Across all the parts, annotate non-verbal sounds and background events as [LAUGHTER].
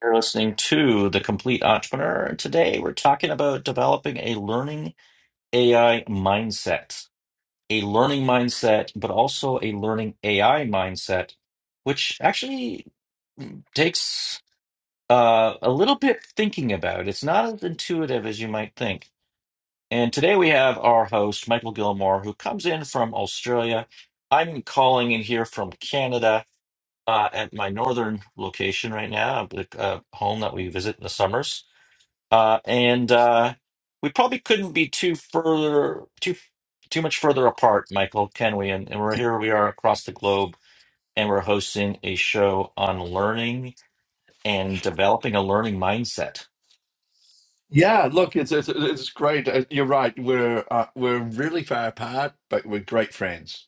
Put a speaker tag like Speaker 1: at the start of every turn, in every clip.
Speaker 1: You're listening to The Complete Entrepreneur. Today, we're talking about developing a learning AI mindset, a learning mindset, but also a learning AI mindset, which actually takes uh, a little bit thinking about. It's not as intuitive as you might think. And today, we have our host, Michael Gilmore, who comes in from Australia. I'm calling in here from Canada. Uh, at my northern location right now, the uh, home that we visit in the summers. uh, and uh, we probably couldn't be too further too too much further apart, Michael, can we? And, and we're here, we are across the globe, and we're hosting a show on learning and developing a learning mindset.
Speaker 2: Yeah, look, it's it's, it's great. Uh, You're right. We're uh, we're really far apart, but we're great friends.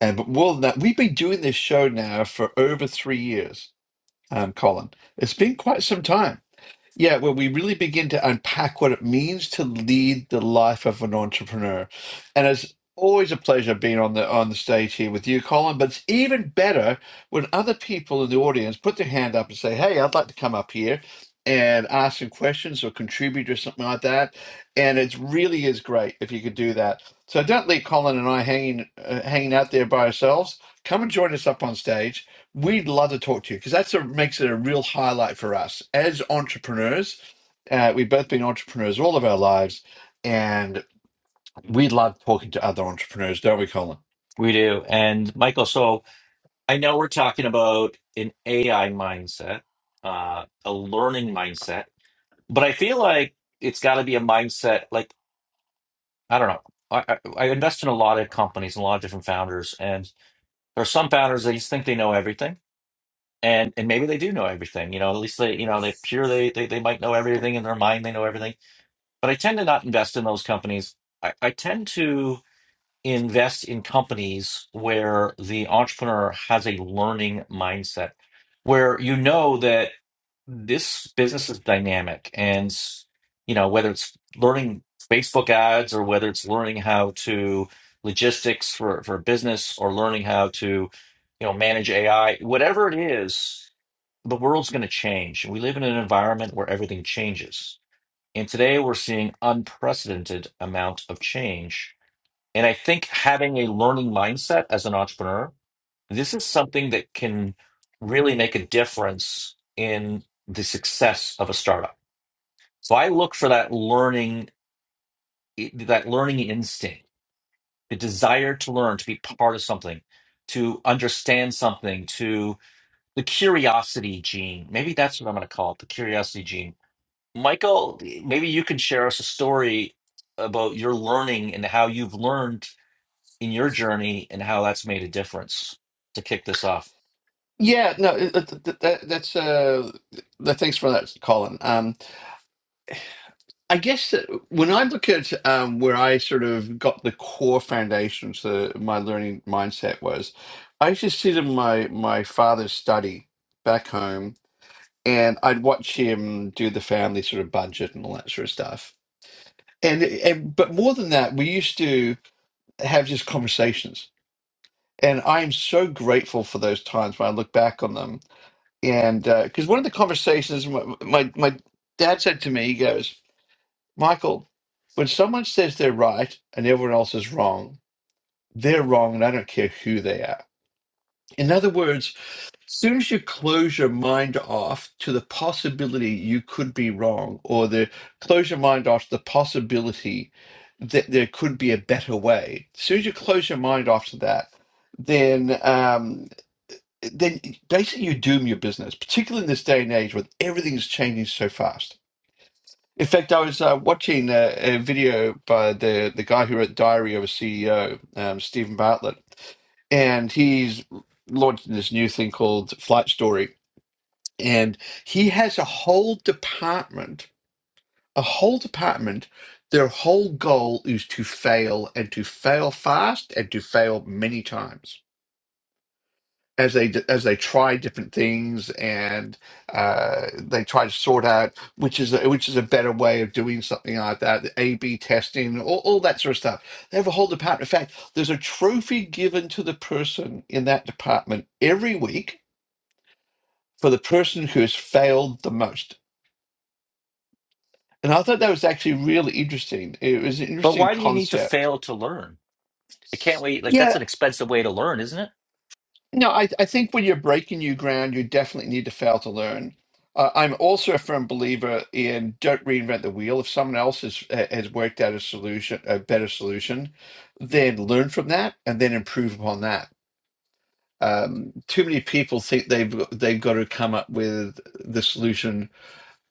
Speaker 2: And but more than that, we've been doing this show now for over three years, um, Colin. It's been quite some time. Yeah, where we really begin to unpack what it means to lead the life of an entrepreneur. And it's always a pleasure being on the on the stage here with you, Colin. But it's even better when other people in the audience put their hand up and say, Hey, I'd like to come up here and ask some questions or contribute or something like that. And it really is great if you could do that. So don't leave Colin and I hanging uh, hanging out there by ourselves. Come and join us up on stage We'd love to talk to you because that's a, makes it a real highlight for us as entrepreneurs. Uh, we've both been entrepreneurs all of our lives, and we love talking to other entrepreneurs, don't we, Colin?
Speaker 1: We do, and Michael. So I know we're talking about an AI mindset, uh, a learning mindset, but I feel like it's got to be a mindset. Like I don't know. I, I, I invest in a lot of companies and a lot of different founders, and there are some founders that just think they know everything, and and maybe they do know everything. You know, at least they you know they pure they they, they might know everything in their mind. They know everything, but I tend to not invest in those companies. I, I tend to invest in companies where the entrepreneur has a learning mindset, where you know that this business is dynamic and s- you know whether it's learning facebook ads or whether it's learning how to logistics for for a business or learning how to you know manage ai whatever it is the world's going to change we live in an environment where everything changes and today we're seeing unprecedented amount of change and i think having a learning mindset as an entrepreneur this is something that can really make a difference in the success of a startup. So I look for that learning, that learning instinct, the desire to learn, to be part of something, to understand something, to the curiosity gene. Maybe that's what I'm going to call it, the curiosity gene. Michael, maybe you can share us a story about your learning and how you've learned in your journey and how that's made a difference to kick this off.
Speaker 2: Yeah, no, it- it- that, that, that's uh, that, thanks for that, Colin. Um, I guess that when I look at um, where I sort of got the core foundations, the my learning mindset was, I used to sit in my my father's study back home and I'd watch him do the family sort of budget and all that sort of stuff. And, and but more than that, we used to have just conversations, and I am so grateful for those times when I look back on them. And because one of the conversations my, my my dad said to me, he goes, "Michael, when someone says they're right and everyone else is wrong, they're wrong, and I don't care who they are." In other words, soon as you close your mind off to the possibility you could be wrong, or the close your mind off to the possibility that there could be a better way, as soon as you close your mind off to that, then um, then basically you doom your business, particularly in this day and age where everything's changing so fast. In fact, I was uh, watching a, a video by the, the guy who wrote Diary of a CEO, um, Stephen Bartlett, and he's launching this new thing called Flight Story and he has a whole department a whole department their whole goal is to fail and to fail fast and to fail many times as they as they try different things and uh, they try to sort out which is a, which is a better way of doing something like that the a b testing all, all that sort of stuff they have a whole department in fact there's a trophy given to the person in that department every week for the person who has failed the most And I thought that was actually really interesting. It was an
Speaker 1: But
Speaker 2: interesting
Speaker 1: why do you need to
Speaker 2: concept.
Speaker 1: fail to learn? I can't wait. Like that's
Speaker 2: Yeah,
Speaker 1: an expensive way to learn, isn't it?
Speaker 2: no, I, I think when you're breaking new ground, you definitely need to fail to learn. Uh, I'm also a firm believer in don't reinvent the wheel. If someone else has has worked out a solution, a better solution, then learn from that and then improve upon that. Um, too many people think they've they've got to come up with the solution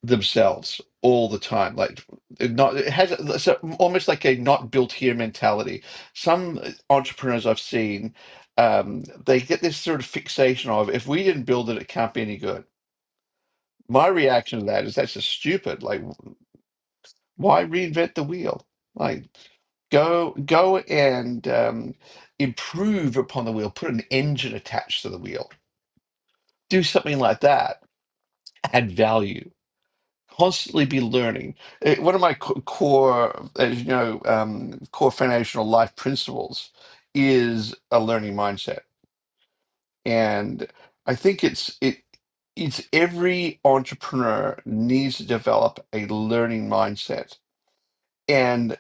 Speaker 2: themselves all the time like it not it has it's a- almost like a not built here mentality some entrepreneurs i've seen um they get this sort of fixation of if we didn't build it it can't be any good my reaction to that is that's just stupid like why reinvent the wheel like go go and um, improve upon the wheel put an engine attached to the wheel do something like that add value constantly be learning. Eh, one of my co- core, as you know, um, core foundational life principles is a learning mindset, and I think it's it. It's every entrepreneur needs to develop a learning mindset, and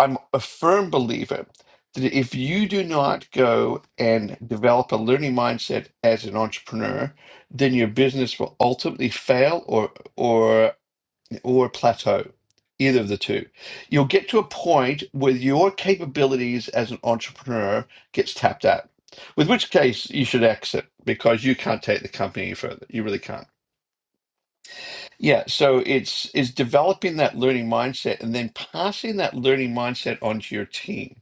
Speaker 2: I'm a firm believer that if you do not go and develop a learning mindset as an entrepreneur, then your business will ultimately fail, or or or plateau, either of the two. You'll get to a point where your capabilities as an entrepreneur gets tapped out. With which case you should exit because you can't take the company any further. You really can't. Yeah. So it's it's developing that learning mindset and then passing that learning mindset onto your team.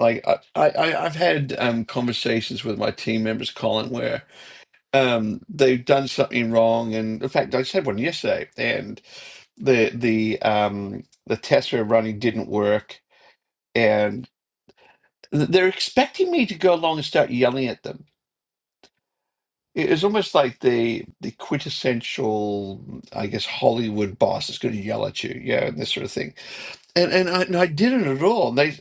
Speaker 2: Like I, I I- I've had um, conversations with my team members, Colin, where um, they've done something wrong, and in fact, I just had one yesterday, and the the um the tests we were running didn't work and th- they're expecting me to go along and start yelling at them it was almost like the the quintessential i guess hollywood boss is going to yell at you yeah and this sort of thing and and i, and I didn't at all and they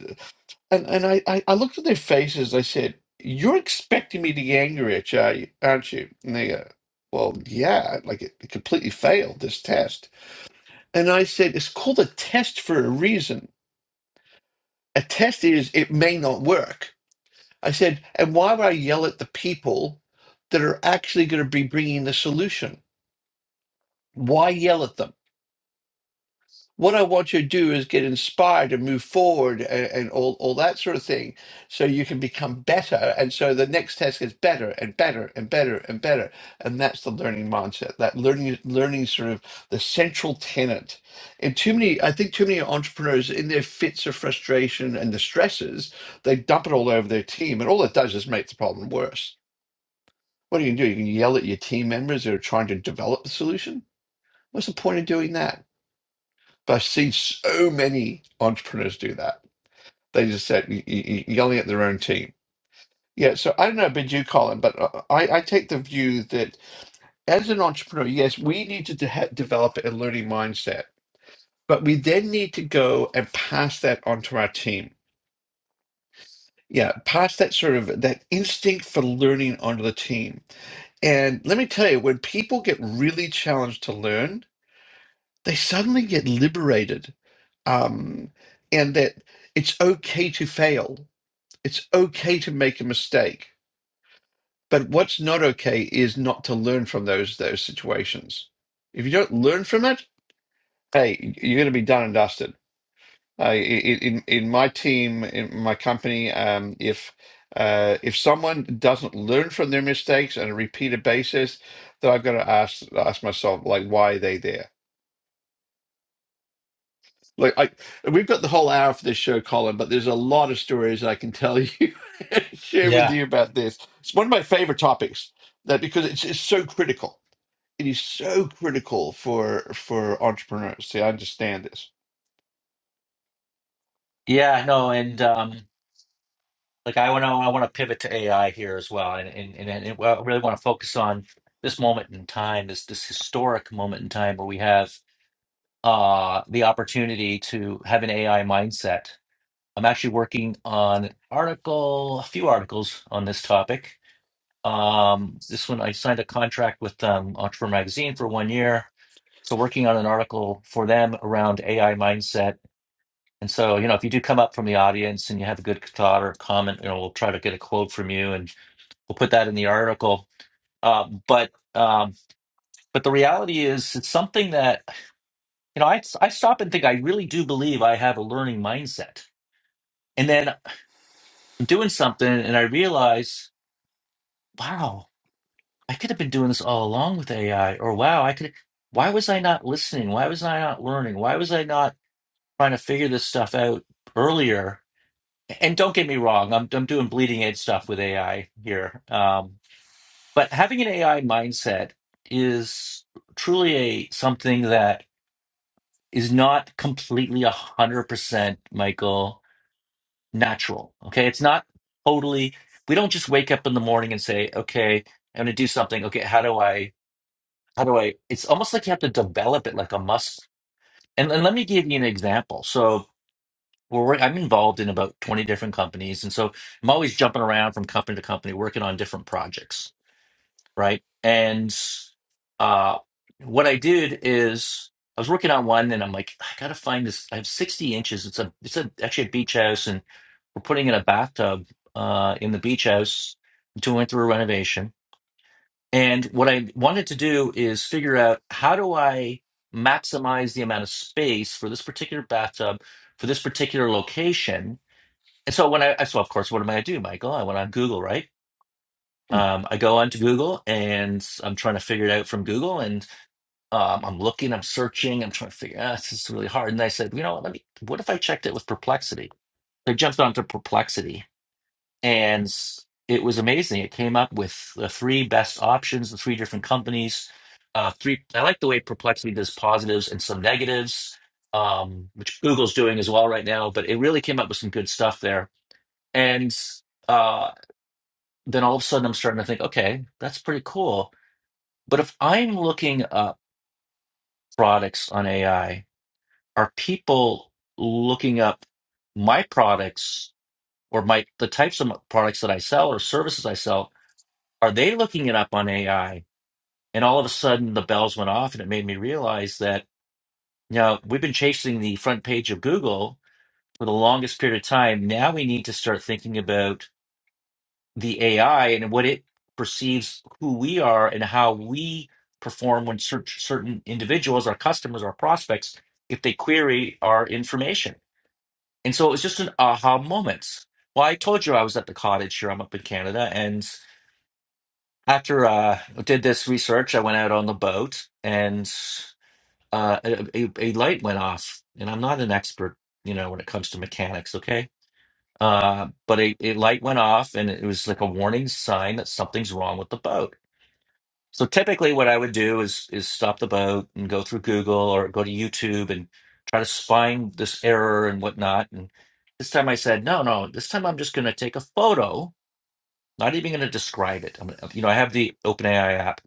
Speaker 2: and, and I, I i looked at their faces i said you're expecting me to get angry at you are you- aren't you and they go well yeah like it, it completely failed this test and i said it's called a test for a reason A test is it may not work. I said, and why would I yell at the people that are actually going to be bringing the solution? Why yell at them? what I want you to do is get inspired and move forward and, and all, all that sort of thing so you can become better. And so the next test gets better and better and better and better. And that's the learning mindset, that learning, learning sort of the central tenet. And too many, I think too many entrepreneurs in their fits of frustration and the stresses, they dump it all over their team. And all it does is make the problem worse. What are you going to do? You can yell at your team members who are trying to develop the solution? What's the point of doing that? But I've seen so many entrepreneurs do that. They just said y- y- y- yelling at their own team. Yeah, so I don't know about you, Colin, but uh, I, I take the view that as an entrepreneur, yes, we need to de- ha- develop a learning mindset, but we then need to go and pass that onto our team. Yeah, pass that sort of that instinct for learning onto the team. And let me tell you, when people get really challenged to learn, they suddenly get liberated, um, and that it's okay to fail it's okay to make a mistake, but what's not okay is not to learn from those those situations. If you don't learn from it, hey, you're going to be done and dusted. Uh, in in in my team, in my company, um, if uh, if someone doesn't learn from their mistakes on a repeated basis, then I've got to ask ask myself like, why are they there? Look, I we've got the whole hour for this show, Colin, but there's a lot of stories I can tell you, [LAUGHS] and share with
Speaker 1: Yeah.
Speaker 2: you about this. It's one of my favorite topics that because it's it's so critical. It is so critical for for entrepreneurs. See, I understand this.
Speaker 1: Yeah, no, and um, like I want to, I want to pivot to AI here as well, and and and, and well, I really want to focus on this moment in time, this this historic moment in time where we have uh the opportunity to have an AI mindset. I'm actually working on an article, a few articles on this topic. Um, this one I signed a contract with um, Entrepreneur Magazine for one year, so working on an article for them around AI mindset And so, you know, if you do come up from the audience and you have a good thought or comment, you know, we'll try to get a quote from you and we'll put that in the article. Uh, but um, but the reality is, it's something that you know, I I stop and think. I really do believe I have a learning mindset. And then I'm doing something, and I realize, wow, I could have been doing this all along with AI, or wow, I could. Why was I not listening? Why was I not learning? Why was I not trying to figure this stuff out earlier? and don't get me wrong, I'm I'm doing bleeding edge stuff with AI here. Um, but having an AI mindset is truly a something that is not completely a hundred percent, Michael, natural. Okay, it's not totally. We don't just wake up in the morning and say, "Okay, I'm going to do something." Okay, how do I? How do I? It's almost like you have to develop it like a muscle. And, and let me give you an example. So. we're work- I'm involved in about 20 different companies. And so I'm always jumping around from company to company, working on different projects. Right. And uh, what I did is I was working on one and I'm like, I got to find this. I have 60 inches. It's a, it's a, actually a beach house and we're putting in a bathtub uh, in the beach house, doing through a renovation. And what I wanted to do is figure out how do I maximize the amount of space for this particular bathtub for this particular location and so when I, so of course, what am I gonna do, Michael? I went on Google, right?
Speaker 2: Mm.
Speaker 1: Um, I go onto Google and I'm trying to figure it out from Google, and um, I'm looking, I'm searching, I'm trying to figure. Ah, this is really hard. And I said, you know what? Let me. What if I checked it with Perplexity? I jumped onto Perplexity, and s- it was amazing. It came up with the three best options, the three different companies. Uh, three. I like the way Perplexity does positives and some negatives, um, which Google's doing as well right now. But it really came up with some good stuff there, and. uh, then all of a sudden I'm starting to think, okay, that's pretty cool. But if I'm looking up products on AI, are people looking up my products or my the types of products that I sell or services I sell? Are they looking it up on AI? And all of a sudden the bells went off and it made me realize that, you know, we've been chasing the front page of Google for the longest period of time. Now we need to start thinking about the AI and what it perceives who we are and how we perform when cer- certain individuals, our customers, our prospects, if they query our information. And so it was just an aha moment. Well, I told you I was at the cottage here. I'm up in Canada, and after uh, I did this research, I went out on the boat, and uh, a, a a light went off. And I'm not an expert, you know, when it comes to mechanics. Okay, uh, but a it light went off and it was like a warning sign that something's wrong with the boat. So typically what I would do is is stop the boat and go through Google or go to YouTube and try to find this error and whatnot. And this time I said, no, no, this time I'm just gonna take a photo, not even gonna describe it. I'm gonna, you know, I have the OpenAI app.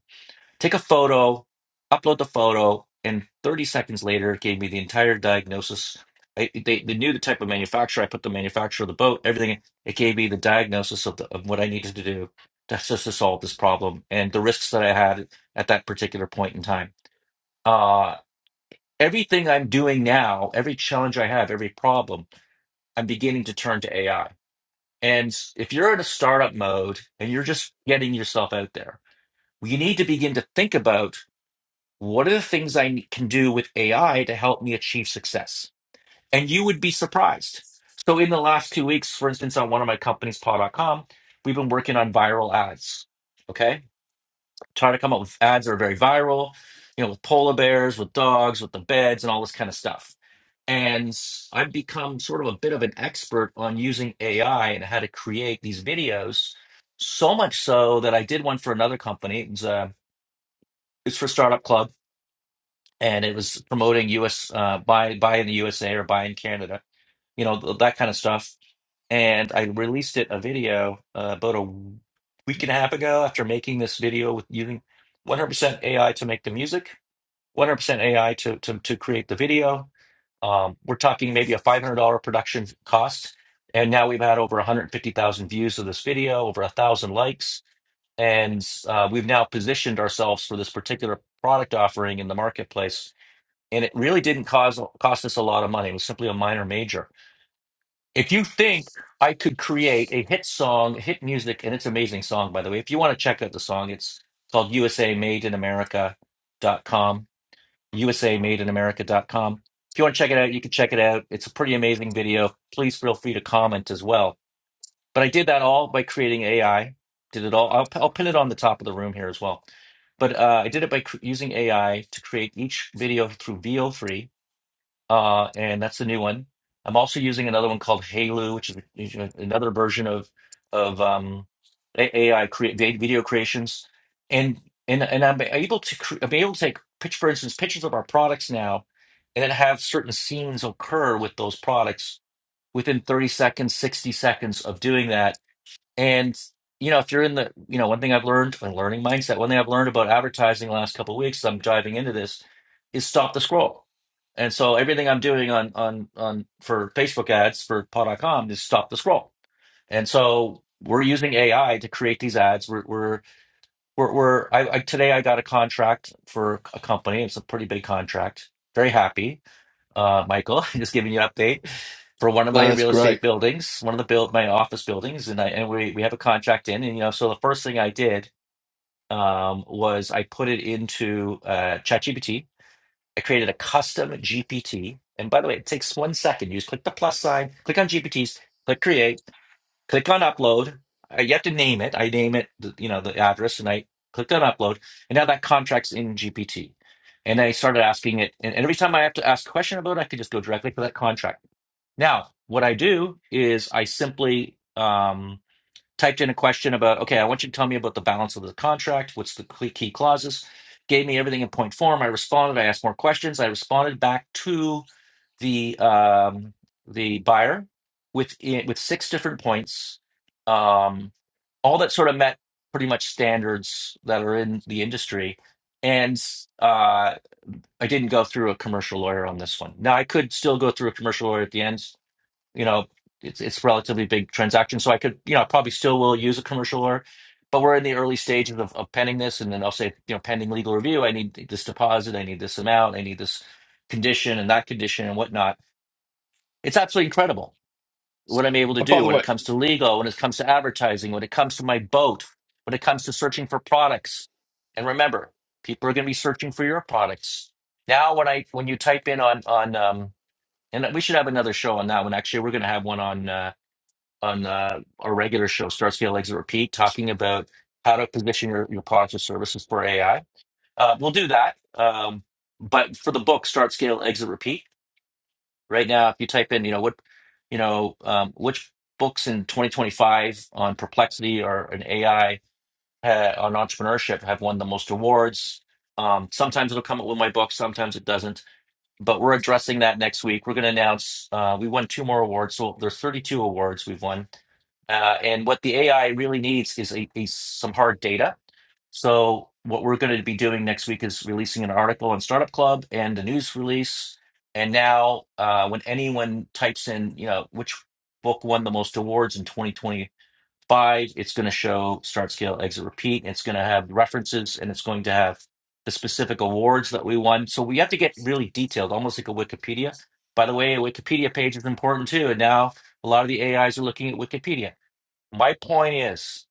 Speaker 1: Take a photo, upload the photo, and 30 seconds later, it gave me the entire diagnosis. I, they, they knew the type of manufacturer. I put the manufacturer of the boat, everything. It gave me the diagnosis of, the, of what I needed to do to, just to solve this problem and the risks that I had at that particular point in time. Uh, everything I'm doing now, every challenge I have, every problem, I'm beginning to turn to AI. And if you're in a startup mode and you're just getting yourself out there, you need to begin to think about what are the things I ne- can do with AI to help me achieve success? And you would be surprised. So, in the last two weeks, for instance, on one of my companies, paw dot com, we've been working on viral ads. Okay. Trying to come up with ads that are very viral, you know, with polar bears, with dogs, with the beds, and all this kind of stuff. And I've become sort of a bit of an expert on using AI and how to create these videos. So much so that I did one for another company. It was, uh, it's for Startup Club and it was promoting US uh buy buy in the USA or buy in Canada, you know, th- that kind of stuff. And I released it a video uh, about a week and a half ago after making this video with using 100% AI to make the music, 100% AI to to to create the video. Um, we're talking maybe a $500 production cost, and now we've had over 150,000 views of this video, over a thousand likes, and uh, we've now positioned ourselves for this particular product offering in the marketplace and it really didn't cause cost us a lot of money. It was simply a minor major. If you think I could create a hit song, hit music, and it's an amazing song, by the way. If you want to check out the song, it's called USA Made in America.com. USA Made in America.com. If you want to check it out, you can check it out. It's a pretty amazing video. Please feel free to comment as well. But I did that all by creating AI. Did it all. I'll, I'll pin it on the top of the room here as well. But uh, I did it by cr- using AI to create each video through VO3 uh, and that's the new one. I'm also using another one called Halu, which is you know, another version of of um, A- AI create video creations, and and and I'm able to cre- I'm able to take pitch for instance pictures of our products now, and then have certain scenes occur with those products within 30 seconds, 60 seconds of doing that and you know, if you're in the, you know, one thing I've learned in learning mindset, one thing I've learned about advertising the last couple of weeks, as I'm diving into this, is stop the scroll. And so everything I'm doing on on on for Facebook ads for Paw.com is stop the scroll. And so we're using AI to create these ads. We're we're we're, we're I, I today I got a contract for a company. It's a pretty big contract. Very happy uh, Michael. [LAUGHS] Just giving you an update for one of my
Speaker 2: Uh, That's
Speaker 1: real
Speaker 2: great.
Speaker 1: estate buildings, one of the build my office buildings, and I and we we have a contract in, and you know, so the first thing I did um, was I put it into uh, ChatGPT. I created a custom GPT, and by the way, it takes one second. You just click the plus sign, click on GPTs, click create click on upload. I have to name it. I name it, the- you know, the address, and I clicked on upload, and now that contract's in GPT. And I started asking it, and and every time I have to ask a question about it, I could just go directly to that contract. Now, what I do is I simply um, typed in a question about, okay, I want you to tell me about the balance of the contract. What's the key key clauses? Gave me everything in point form. I responded. I asked more questions. I responded back to the um, the buyer with eh, with six different points, um, all that sort of met pretty much standards that are in the industry. And uh, I didn't go through a commercial lawyer on this one. Now I could still go through a commercial lawyer at the end. You know, it's it's relatively big transaction, so I could you know I probably still will use a commercial lawyer. But we're in the early stages of, of penning this, and then I'll say, you know, pending legal review. I need this deposit. I need this amount. I need this condition and that condition and whatnot it's absolutely incredible what I'm able to
Speaker 2: Uh, by
Speaker 1: do
Speaker 2: the
Speaker 1: when it
Speaker 2: way,
Speaker 1: comes to legal, when it comes to advertising, when it comes to my boat, when it comes to searching for products. And remember, people are going to be searching for your products. Now, when I when you type in on on um, and we should have another show on that one. Actually, we're going to have one on uh, on uh, our regular show, Start Scale Exit Repeat, talking about how to position your, your products or services for AI. Uh, we'll do that. Um, but for the book, Start Scale Exit Repeat Right now, if you type in, you know, what, you know, um, which books in 2025 on perplexity or an AI uh, on entrepreneurship have won the most awards. Um, sometimes it'll come up with my book, sometimes it doesn't. But we're addressing that next week. We're going to announce uh, we won two more awards, so there's 32 awards we've won. Uh, and what the AI really needs is a, is some hard data so what we're going to be doing next week is releasing an article on Startup Club and a news release. And now, uh, when anyone types in, you know, which book won the most awards in 2025, it's going to show Start, Scale, Exit, Repeat. It's going to have references and it's going to have the specific awards that we won. So we have to get really detailed, almost like a Wikipedia. By the way, a Wikipedia page is important too. And now a lot of the AIs are looking at Wikipedia. My point is.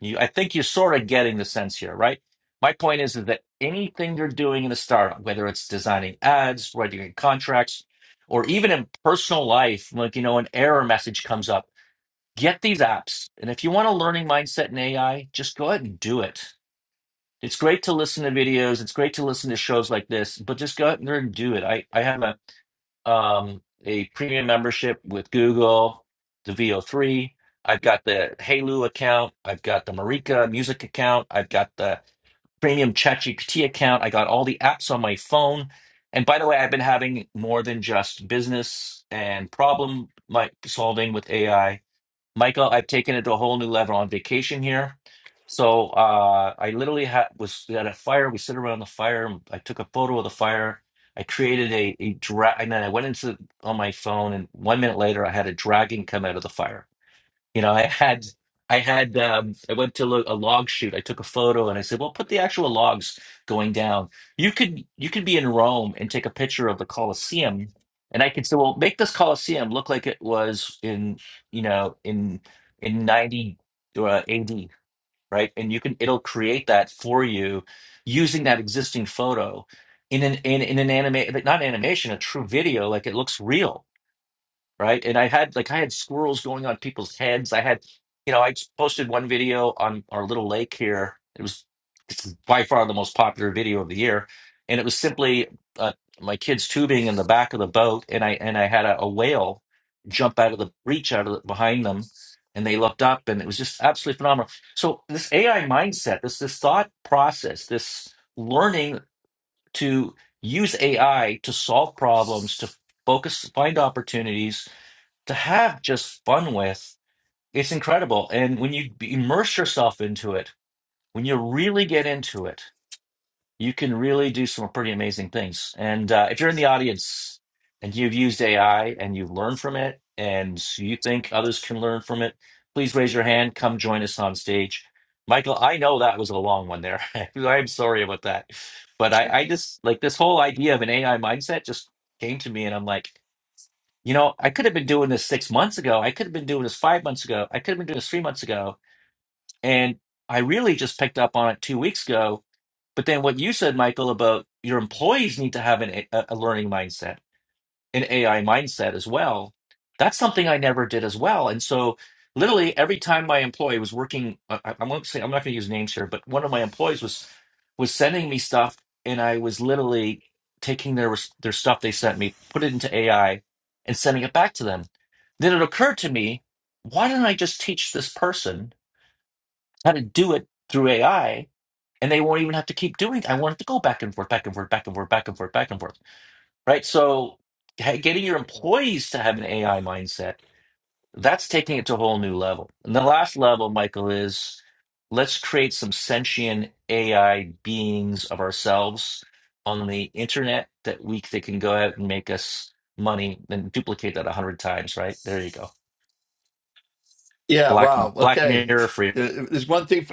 Speaker 1: You, I think you're sort of getting the sense here, right? My point is, is that anything you're doing in a startup, whether it's designing ads, writing contracts, or even in personal life, like, you know, an error message comes up, get these apps. And if you want a learning mindset in AI, just go ahead and do it. It's great to listen to videos. It's great to listen to shows like this, but just go out there and do it. I, I have a um, a premium membership with Google, the VO3. I've got the Halo account. I've got the Marika music account. I've got the premium ChatGPT account. I got all the apps on my phone. And by the way, I've been having more than just business and problem like solving with AI. Michael, I've taken it to a whole new level on vacation here. So uh, I literally had was at a fire. We sit around the fire. and I took a photo of the fire. I created a, a drag, and then I went into on my phone, and one minute later, I had a dragon come out of the fire. You know, I had I had um I went to lo- a log shoot. I took a photo and I said, "Well, put the actual logs going down." You could you could be in Rome and take a picture of the Colosseum, and I could say, "Well, make this Colosseum look like it was in, you know, in in 90 uh, AD, right?" And you can it'll create that for you using that existing photo in an in, in an anime, not animation, a true video, like it looks real right? And I had like I had squirrels going on people's heads. I had, you know, I posted one video on our little lake here. It was it's by far the most popular video of the year, and it was simply uh, my kids tubing in the back of the boat, and I and I had a, a whale jump out of the breach out of the, behind them, and they looked up, and it was just absolutely phenomenal. So this AI mindset, this this thought process, this learning to use AI to solve problems, to focus, find opportunities, to have just fun with, it's incredible. And when you immerse yourself into it, when you really get into it, you can really do some pretty amazing things. And uh, if you're in the audience and you've used AI and you've learned from it and you think others can learn from it, please raise your hand. Come join us on stage. Michael, I know that was a long one there. [LAUGHS] I'm sorry about that. But I, I just like this whole idea of an AI mindset just came to me and I'm like, you know, I could have been doing this six months ago. I could have been doing this five months ago. I could have been doing this three months ago. And I really just picked up on it two weeks ago. But then what you said, Michael, about your employees need to have an, a, a learning mindset an AI mindset as well. That's something I never did as well. And so, literally, every time my employee was working, I, I- I'm not say I'm not going to use names here, but one of my employees was was sending me stuff, and I was literally taking their res- their stuff they sent me, put it into AI, and sending it back to them. Then it occurred to me, why didn't I just teach this person how to do it through AI? And they won't even have to keep doing. it? I wanted to go back and forth, back and forth, back and forth, back and forth, back and forth right? So ha- getting your employees to have an AI mindset, that's taking it to a whole new level. And the last level, Michael, is let's create some sentient AI beings of ourselves on the internet that we that can go out and make us money and duplicate that a hundred times, right? There you go.
Speaker 2: yeah,
Speaker 1: Black
Speaker 2: wow.
Speaker 1: Black
Speaker 2: Okay,
Speaker 1: Mirror free.
Speaker 2: Uh, there's one thing.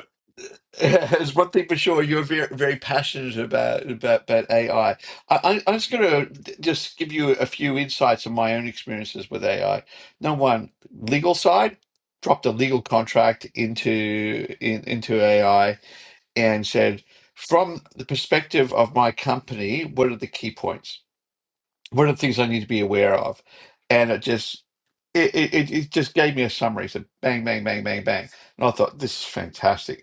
Speaker 2: [LAUGHS] There's one thing for sure, you're very, very passionate about about, about AI. I, am just going to just give you a few insights of my own experiences with AI. Number one, legal side, dropped a legal contract into in, into AI and said, from the perspective of my company, what are the key points? What are the things I need to be aware of? And it just it, it, it it just gave me a summary. So bang, bang, bang, bang, bang. And I thought, this is fantastic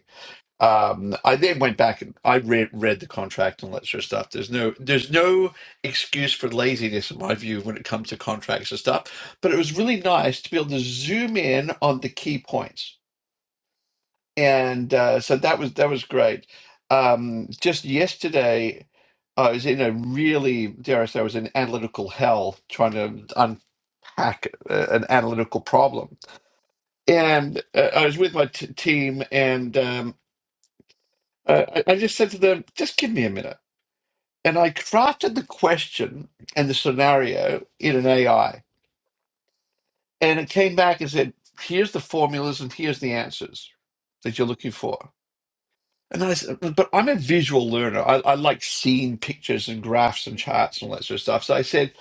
Speaker 2: um, I then went back and I read read the contract and all that sort of stuff. There's no there's no excuse for laziness in my view when it comes to contracts and stuff. But it was really nice to be able to zoom in on the key points, and uh, so that was that was great. Um, just yesterday, I was in a really dare I say I was in analytical hell trying to unpack uh, an analytical problem, and uh, I was with my t team and. Um, Uh, I, I just said to them, just give me a minute. And I crafted the question and the scenario in an AI. And it came back and said, here's the formulas and here's the answers that you're looking for. And I said, but I'm a visual learner. I, I like seeing pictures and graphs and charts and all that sort of stuff. So I said,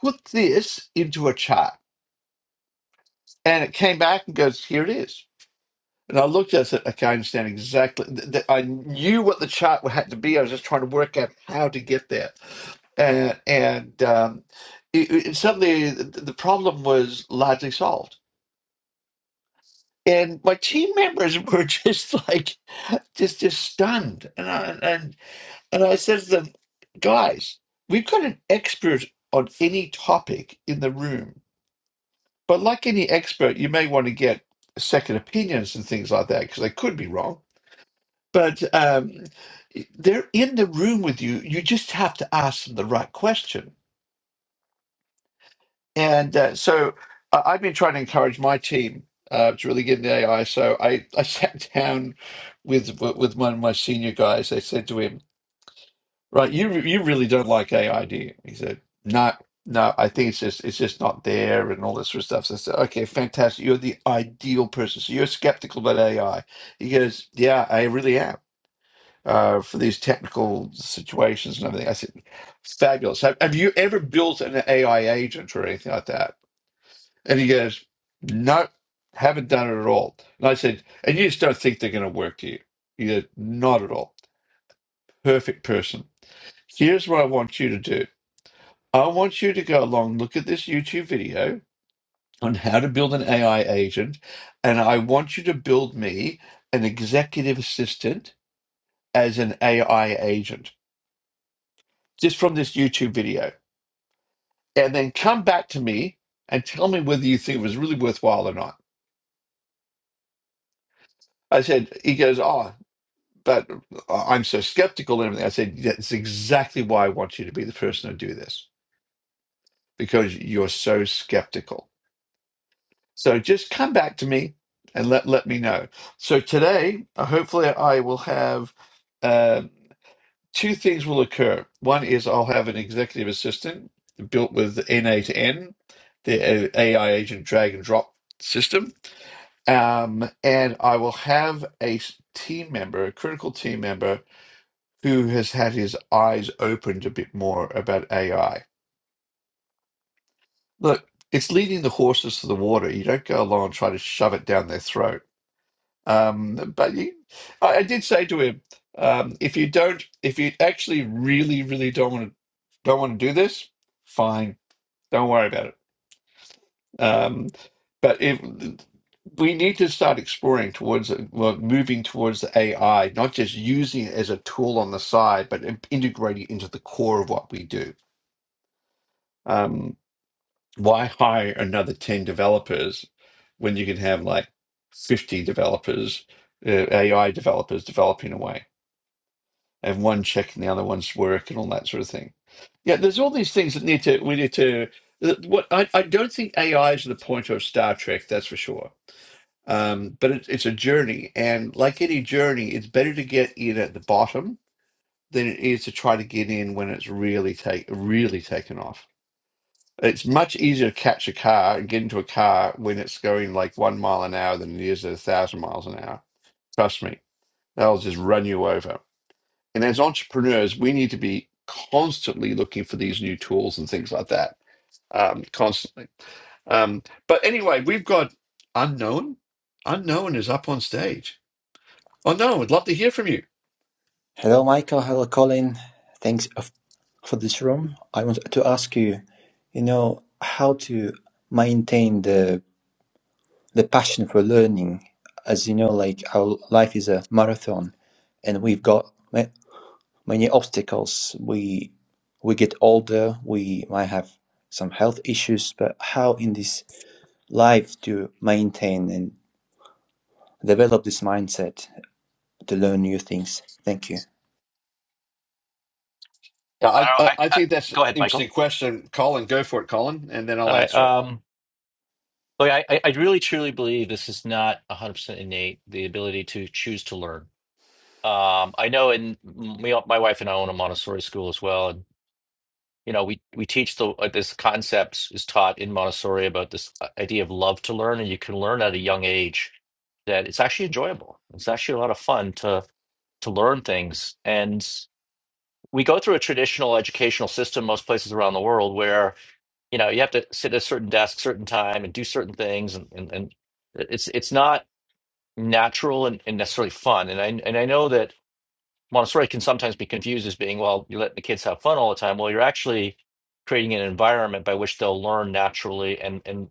Speaker 2: put this into a chart. And it came back and goes, here it is. And I looked at it, okay, I understand exactly. th- th- I knew what the chart had to be. I was just trying to work out how to get there. And, and um, it- it suddenly the, the problem was largely solved. And my team members [LAUGHS] were just like, just just stunned. And I, and, and I said to them, guys, we've got an expert on any topic in the room. But like any expert, you may want to get second opinions and things like that because they could be wrong but um, they're in the room with you. You just have to ask them the right question. And uh, so I I've been trying to encourage my team uh, to really get into AI. So I, [LAUGHS] I sat down with with one of my senior guys. I said to him, "Right, you you really don't like AI, do you?" He said, "No." No, I think it's just it's just not there and all this sort of stuff. So I said, okay, fantastic. You're the ideal person. So you're skeptical about AI. He goes, Yeah, I really am. uh, for these technical situations and everything. I said, fabulous. Have, have you ever built an AI agent or anything like that? And he goes, no, haven't done it at all. And I said, and you just don't think they're going to work, do you? He goes, not at all. Perfect person. Here's what I want you to do. I want you to go along, look at this YouTube video on how to build an AI agent, and I want you to build me an executive assistant as an AI agent just from this YouTube video and then come back to me and tell me whether you think it was really worthwhile or not. I said, he goes, oh, but uh, I'm so skeptical and everything. I said, that's exactly why I want you to be the person to do this because you're so skeptical. So just come back to me and let, let me know. So today, uh, hopefully, I will have uh, two things will occur. One is I'll have an executive assistant built with NA to N, the uh, AI agent drag and drop system Um, and I will have a s- team member, a critical team member, who has had his eyes opened a bit more about AI. Look, it's leading the horses to the water. You don't go along and try to shove it down their throat. Um, but you, I, I did say to him, um, if you don't, if you actually really, really don't want to, don't want to do this, fine, don't worry about it Um, but if we need to start exploring towards well, moving towards the AI, not just using it as a tool on the side, but in- integrating it into the core of what we do. Um, why hire another 10 developers when you can have like 50 developers, uh, AI developers developing away, and one checking the other one's work and all that sort of thing? Yeah, there's all these things that need to, we need to. What I, I don't think AI is the point of Star Trek, that's for sure Um, but it's it's a journey, and like any journey, it's better to get in at the bottom than it is to try to get in when it's really take really taken off. It's much easier to catch a car and get into a car when it's going like one mile an hour than it is at a thousand miles an hour. Trust me, that'll just run you over. And as entrepreneurs, we need to be constantly looking for these new tools and things like that, um, constantly. Um, but anyway, we've got unknown. Unknown is up on stage. Oh no, I'd love to hear from you.
Speaker 3: Hello, Michael. Hello, Colin. Thanks of- for this
Speaker 2: Yeah,
Speaker 3: room. I want to ask you, you know, how to maintain the the passion for learning. As you know, like our life is a marathon, and we've got ma- many obstacles. We we get older. We might have some health issues, but how in this life to maintain and develop this mindset to learn new things? Thank you.
Speaker 2: I,
Speaker 1: I,
Speaker 2: I,
Speaker 1: I,
Speaker 2: I
Speaker 1: I,
Speaker 2: think that's an
Speaker 1: go ahead,
Speaker 2: interesting
Speaker 1: Michael.
Speaker 2: question, Colin. Go for it, Colin, and then I'll
Speaker 1: All right.
Speaker 2: answer it.
Speaker 1: Um, but I, I I really truly believe this is not 100% innate, the ability to choose to learn Um, I know in me, my wife and I own a Montessori school as well, and you know we we teach the uh, this concepts is taught in Montessori about this uh, idea of love to learn, and you can learn at a young age that it's actually enjoyable. It's actually a lot of fun to to learn things, and we go through a traditional educational system most places around the world where you know you have to sit at a certain desk, certain time, and do certain things, and and, and uh, it's it's not natural and, and necessarily fun, and I and I know that. Montessori can sometimes be confused as being, well, you're letting the kids have fun all the time. Well, you're actually creating an environment by which they'll learn naturally and and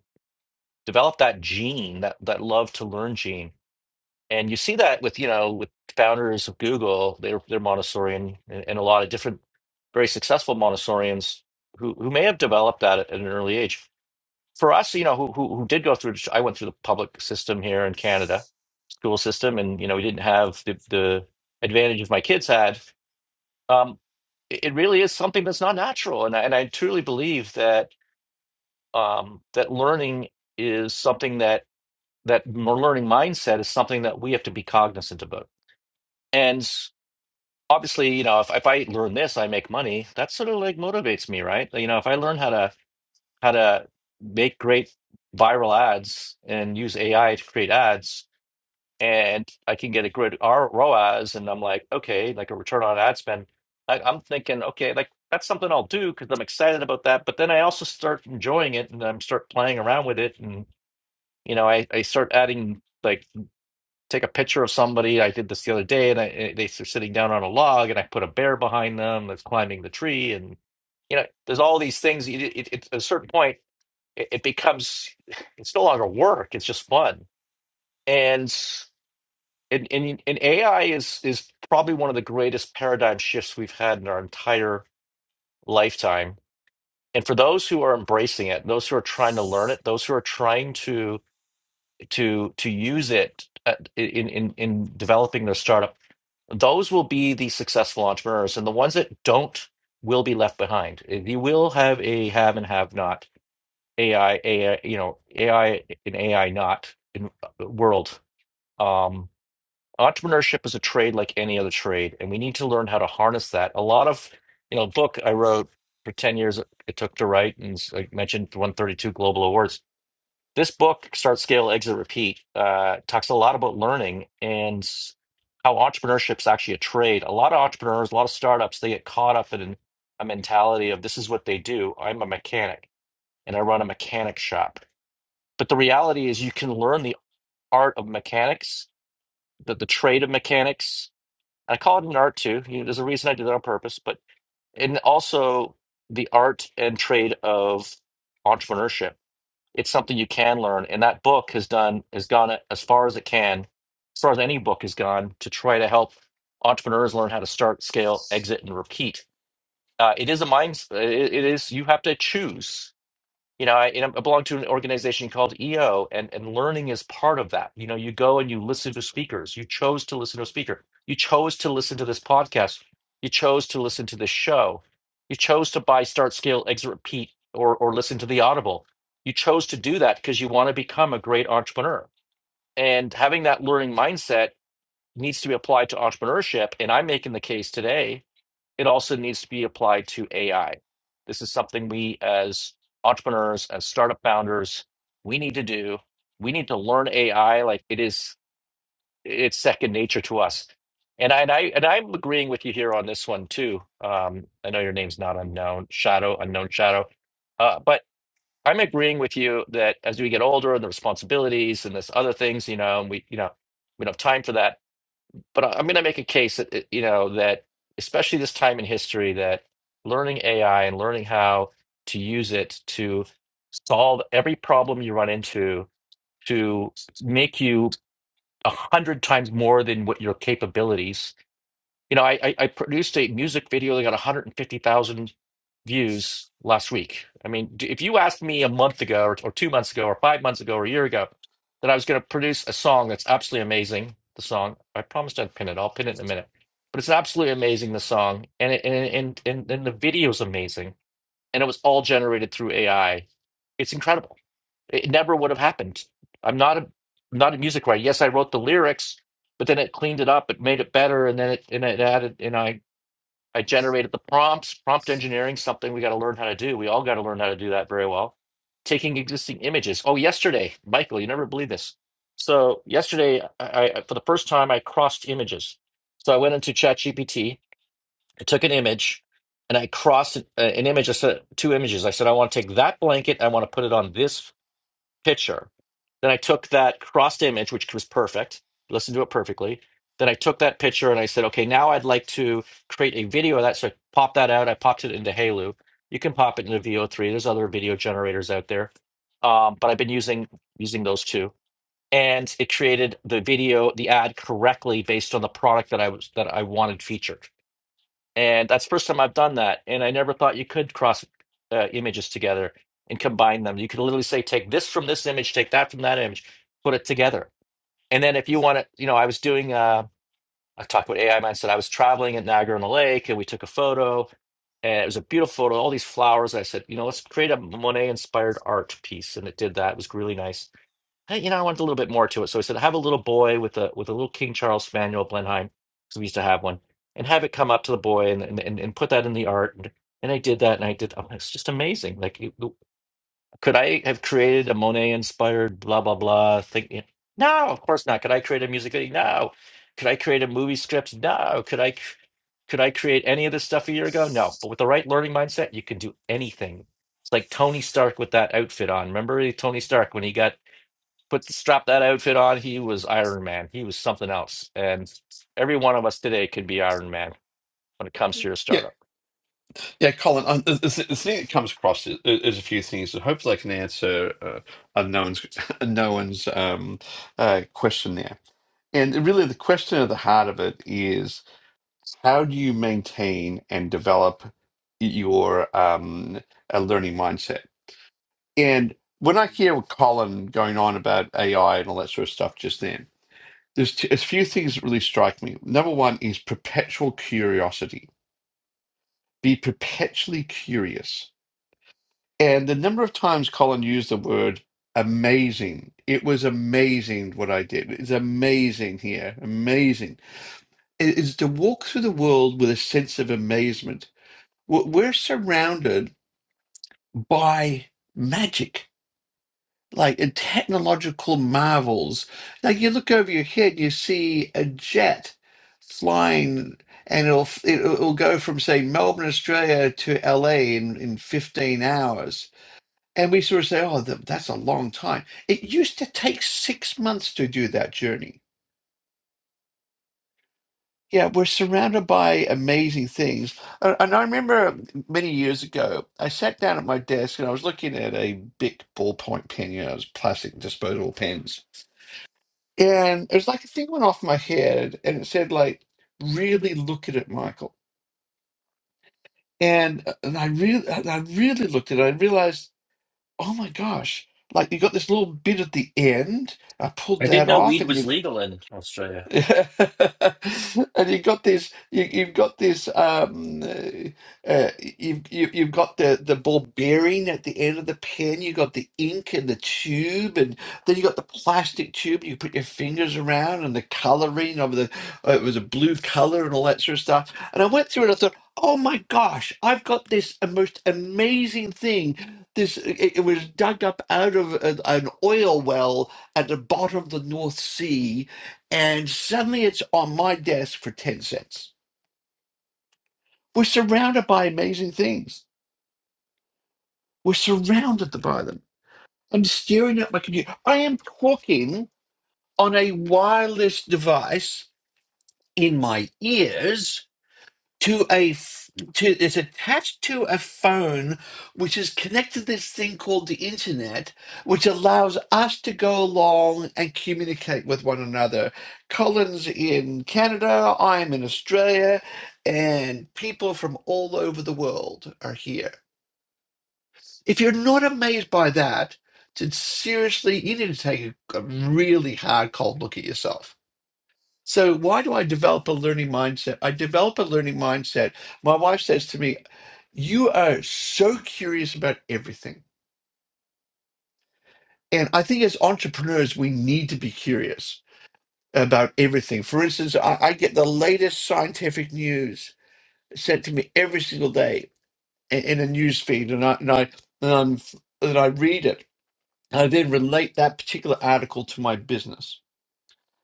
Speaker 1: develop that gene, that that love to learn gene. And you see that with, you know, with founders of Google, they're they're Montessorian and, and a lot of different very successful Montessorians who who may have developed that at, at an early age. For us, you know, who who who did go through I went through the public system here in Canada, school system, and you know, we didn't have the the advantages my kids had um, it it really is something that's not natural, and I, and I truly believe that um, that learning is something that that more learning mindset is something that we have to be cognizant about. And obviously, you know, if if I learn this, I make money. That sort of like motivates me, right? You know, if I learn how to how to make great viral ads and use AI to create ads, and I can get a good R ROAS, and I'm like, okay, like a return on ad spend. I, I'm thinking, okay, like that's something I'll do because I'm excited about that. But then I also start enjoying it, and I'm start playing around with it, and you know, I I start adding like take a picture of somebody. I did this the other day, and I, eh, they are sitting down on a log, and I put a bear behind them that's climbing the tree, and you know, there's all these things. It, it, it, at a certain point, it, it becomes it's no longer work; it's just fun. And and, and and AI is is probably one of the greatest paradigm shifts we've had in our entire lifetime. And for those who are embracing it, those who are trying to learn it, those who are trying to to to use it uh, in in in developing their startup, those will be the successful entrepreneurs, and the ones that don't will be left behind. You will have a have and have not AI, AI you know AI and AI not in uh, world. Um. entrepreneurship is a trade like any other trade and we need to learn how to harness that a lot of you know book i wrote for 10 years it took to write and s- i mentioned 132 global awards this book start scale exit repeat uh, talks a lot about learning and how entrepreneurship is actually a trade a lot of entrepreneurs a lot of startups they get caught up in a mentality of this is what they do i'm a mechanic and i run a mechanic shop but the reality is you can learn the art of mechanics the, the trade of mechanics I call it an art too. You know, there's a reason I did it on purpose, but and also the art and trade of entrepreneurship. It's something you can learn, and that book has done has gone as far as it can, as far as any book has gone to try to help entrepreneurs learn how to start, scale, exit, and repeat. Uh, it is a mind. It, it is you have to choose you know, I, and I belong to an organization called EO, and, and learning is part of that. You know, you go and you listen to speakers. You chose to listen to a speaker. You chose to listen to this podcast. You chose to listen to this show. You chose to buy Start Scale Exit Repeat or or listen to the Audible. You chose to do that because you want to become a great entrepreneur. And having that learning mindset needs to be applied to entrepreneurship. And I'm making the case today it also needs to be applied to AI. This is something we as entrepreneurs, as startup founders, we need to do. We need to learn AI like it is it's second nature to us. And I and I and I'm agreeing with you here on this one too. Um, I know your name's not unknown, shadow, unknown shadow. Uh, but I'm agreeing with you that as we get older and the responsibilities and this other things, you know, and we you know, we don't have time for that but I- I'm going to make a case that it- you know that especially this time in history that learning AI and learning how to use it to solve every problem you run into to make you a hundred times more than what your capabilities you know, I, I I produced a music video that got 150,000 views last week. I mean, d- if you asked me a month ago, or, or two months ago, or five months ago, or a year ago, that I was going to produce a song that's absolutely amazing, the song I promised I'd pin it. I'll pin it in a minute, but it's absolutely amazing. The song and it, and and and and the video's amazing and it was all generated through AI. It's incredible. It never would have happened. I'm not a I'm not a music writer. Yes, I wrote the lyrics, but then it cleaned it up, it made it better, and then it and it added and I I generated the prompts. Prompt engineering, something we got to learn how to do. We all got to learn how to do that very well. Taking existing images. Oh, yesterday, Michael, you never believe this. So yesterday, I, I for the first time I crossed images. So I went into ChatGPT I took an image and I crossed it- uh, an image. I said two images. I said I want to take that blanket. I want to put it on this picture. Then I took that crossed image, which was perfect. Listened to it perfectly. Then I took that picture and I said, okay, now I'd like to create a video of that. So I popped that out. I popped it into Halu. You can pop it into VO3. There's other video generators out there, um, but I've been using using those two, and it created the video, the ad correctly based on the product that I was that I wanted featured. And that's the first time I've done that. And I never thought you could cross uh, images together and combine them. You could literally say, take this from this image, take that from that image, put it together. And then if you want to, you know, I was doing, uh, I talked about AI mindset. I was traveling at Niagara on the Lake and we took a photo and it was a beautiful photo, all these flowers. I said, you know, let's create a Monet inspired art piece. And it did that. It was really nice hey, you know, I wanted a little bit more to it. So I said, have a little boy with a with a little King Charles Spaniel Blenheim, because we used to have one, and have it come up to the boy and and, and and put that in the art. And, and I did that, and I did. Oh, it's just amazing. Like, you- you- could I have created a Monet inspired blah blah blah thing? Yeah. No, of course not. Could I create a music video? No. Could I create a movie script? No. Could I? c- Could I create any of this stuff a year ago? No. But with the right learning mindset, you can do anything. It's like Tony Stark with that outfit on. Remember Tony Stark when he got put strap that outfit on, he was Iron Man. He was something else. And every one of us today could be Iron Man when it comes to your
Speaker 2: Yeah,
Speaker 1: startup.
Speaker 2: yeah, Colin. Um, the, the, the thing that comes across is, is a few things, and hopefully I can answer uh, unknown's [LAUGHS] unknown's um, uh, question there. And really, the question at the heart of it is how do you maintain and develop your um, a learning mindset? And when I hear Colin going on about AI and all that sort of stuff just then, There's t- a few things that really strike me. Number one is perpetual curiosity. Be perpetually curious. And the number of times Colin used the word amazing, it was amazing what I did. It's amazing here, amazing. It is to walk through the world with a sense of amazement. We're we're surrounded by magic like in technological marvels. Like you look over your head, you see a jet flying, and it'll it'll it'll go from say Melbourne, Australia, to LA in in fifteen hours. And we sort of say, "Oh, th- that's a long time." It used to take six months to do that journey. Yeah, we're surrounded by amazing things. Uh, And I remember many years ago, I sat down at my desk and I was looking at a big ballpoint pen, you know, those plastic disposable pens and it was like a thing went off my head and it said like really look at it michael and uh, and i really and i really looked at it i realized oh my gosh like you got this little bit at the end i pulled
Speaker 1: I didn't
Speaker 2: that
Speaker 1: know
Speaker 2: off
Speaker 1: weed
Speaker 2: and
Speaker 1: was
Speaker 2: you've.
Speaker 1: legal in
Speaker 2: [LAUGHS]
Speaker 1: Australia.
Speaker 2: and you've got this you, you've got this um uh, uh, you've you, you've got the the ball bearing at the end of the pen you've got the ink and the tube and then you got the plastic tube you put your fingers around and the coloring of the uh, it was a blue color and all that sort of stuff and i went through it i thought oh my gosh i've got this a most amazing thing this it, it was dug up out of an, an oil well at the bottom of the north sea and suddenly it's on my desk for 10 cents. We're surrounded by amazing things. We're surrounded by them. I'm staring at my computer. I am talking on a wireless device in my ears to a f- to it's attached to a phone which is connected to this thing called the internet which allows us to go along and communicate with one another colin's in canada i'm in australia and people from all over the world are here if you're not amazed by that then seriously you need to take a, a really hard cold look at yourself so why do I develop a learning mindset? I develop a learning mindset. My wife says to me, "You are so curious about everything." And I think as entrepreneurs, we need to be curious about everything. For instance, I, I get the latest scientific news sent to me every single day in, in a news feed, and I and I and, I'm, and I read it. I then relate that particular article to my business.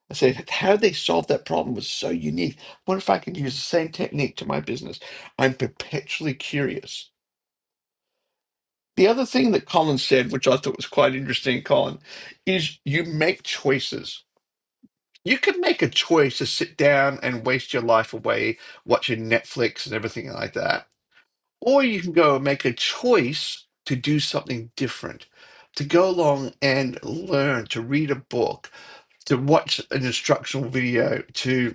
Speaker 2: I said, how they solved that problem was so unique. What if I could use the same technique to my business? I'm perpetually curious. The other thing that Colin said, which I thought was quite interesting, Colin, is you make choices. You can make a choice to sit down and waste your life away watching Netflix and everything like that. Or you can go and make a choice to do something different, to go along and learn, to read a book, to watch an instructional video, to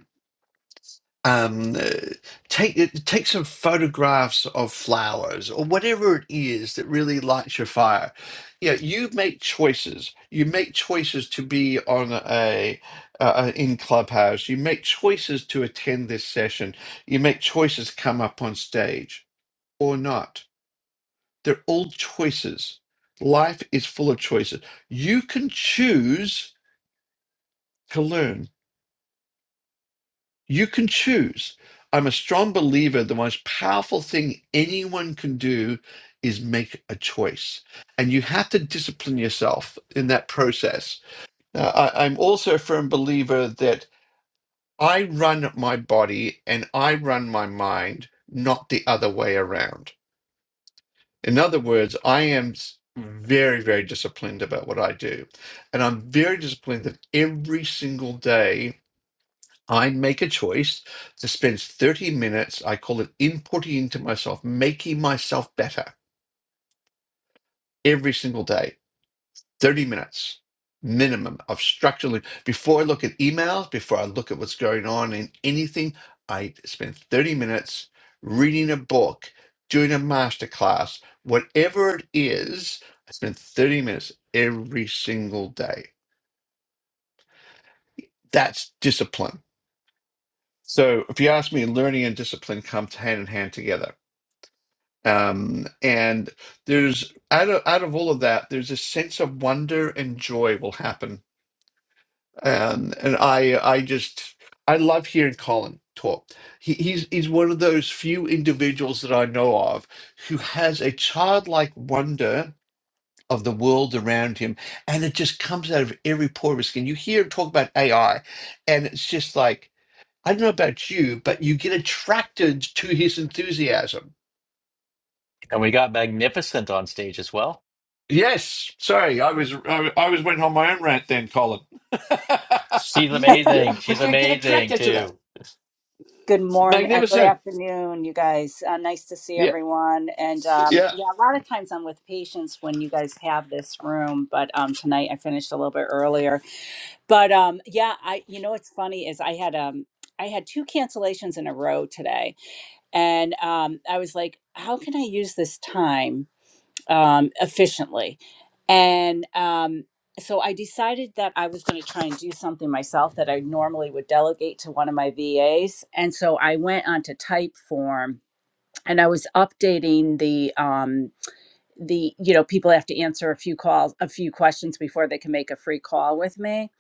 Speaker 2: um, uh, take take some photographs of flowers or whatever it is that really lights your fire. Yeah, you make choices. You make choices to be on a uh, in clubhouse. You make choices to attend this session. You make choices come up on stage or not. They're all choices. Life is full of choices. You can choose to learn. You can choose. I'm a strong believer the most powerful thing anyone can do is make a choice. And you have to discipline yourself in that process. Now, I, I'm also a firm believer that I run my body and I run my mind, not the other way around. In other words, I am s- very, very disciplined about what I do. And I'm very disciplined that every single day I make a choice to spend 30 minutes, I call it inputting into myself, making myself better every single day. 30 minutes minimum of structurally. Before I look at emails, before I look at what's going on in anything, I spend 30 minutes reading a book, doing a masterclass, whatever it is, I spend 30 minutes every single day. That's discipline. So if you ask me, learning and discipline comes hand in hand together Um, and there's out of out of all of that, there's a sense of wonder and joy will happen. Um, and I I just I love hearing Colin talk. He, he's he's one of those few individuals that I know of who has a childlike wonder of the world around him, and it just comes out of every pore of his skin. You hear him talk about AI, and it's just like I don't know about you, but you get attracted to his enthusiasm
Speaker 1: And we got Magnificent on stage as well.
Speaker 2: Yes, sorry, I was I, I was went on my own rant then, Colin.
Speaker 1: She's
Speaker 2: [LAUGHS] yeah,
Speaker 1: amazing. She's
Speaker 2: but you get
Speaker 1: amazing
Speaker 2: attracted to that.
Speaker 1: too.
Speaker 4: Good morning, uh, good
Speaker 2: Magnificent.
Speaker 4: afternoon, you guys. Uh, nice to see
Speaker 2: Yeah,
Speaker 4: everyone. And um,
Speaker 2: yeah,
Speaker 4: yeah, a lot of times I'm with patients when you guys have this room, but um, tonight I finished a little bit earlier. But um, yeah, I you know what's funny is I had um I had two cancellations in a row today, and um, I was like, how can I use this time? um, efficiently. And um, so I decided that I was going to try and do something myself that I normally would delegate to one of my VAs. And so I went onto Typeform and I was updating the um, the you know people have to answer a few calls a few questions before they can make a free call with me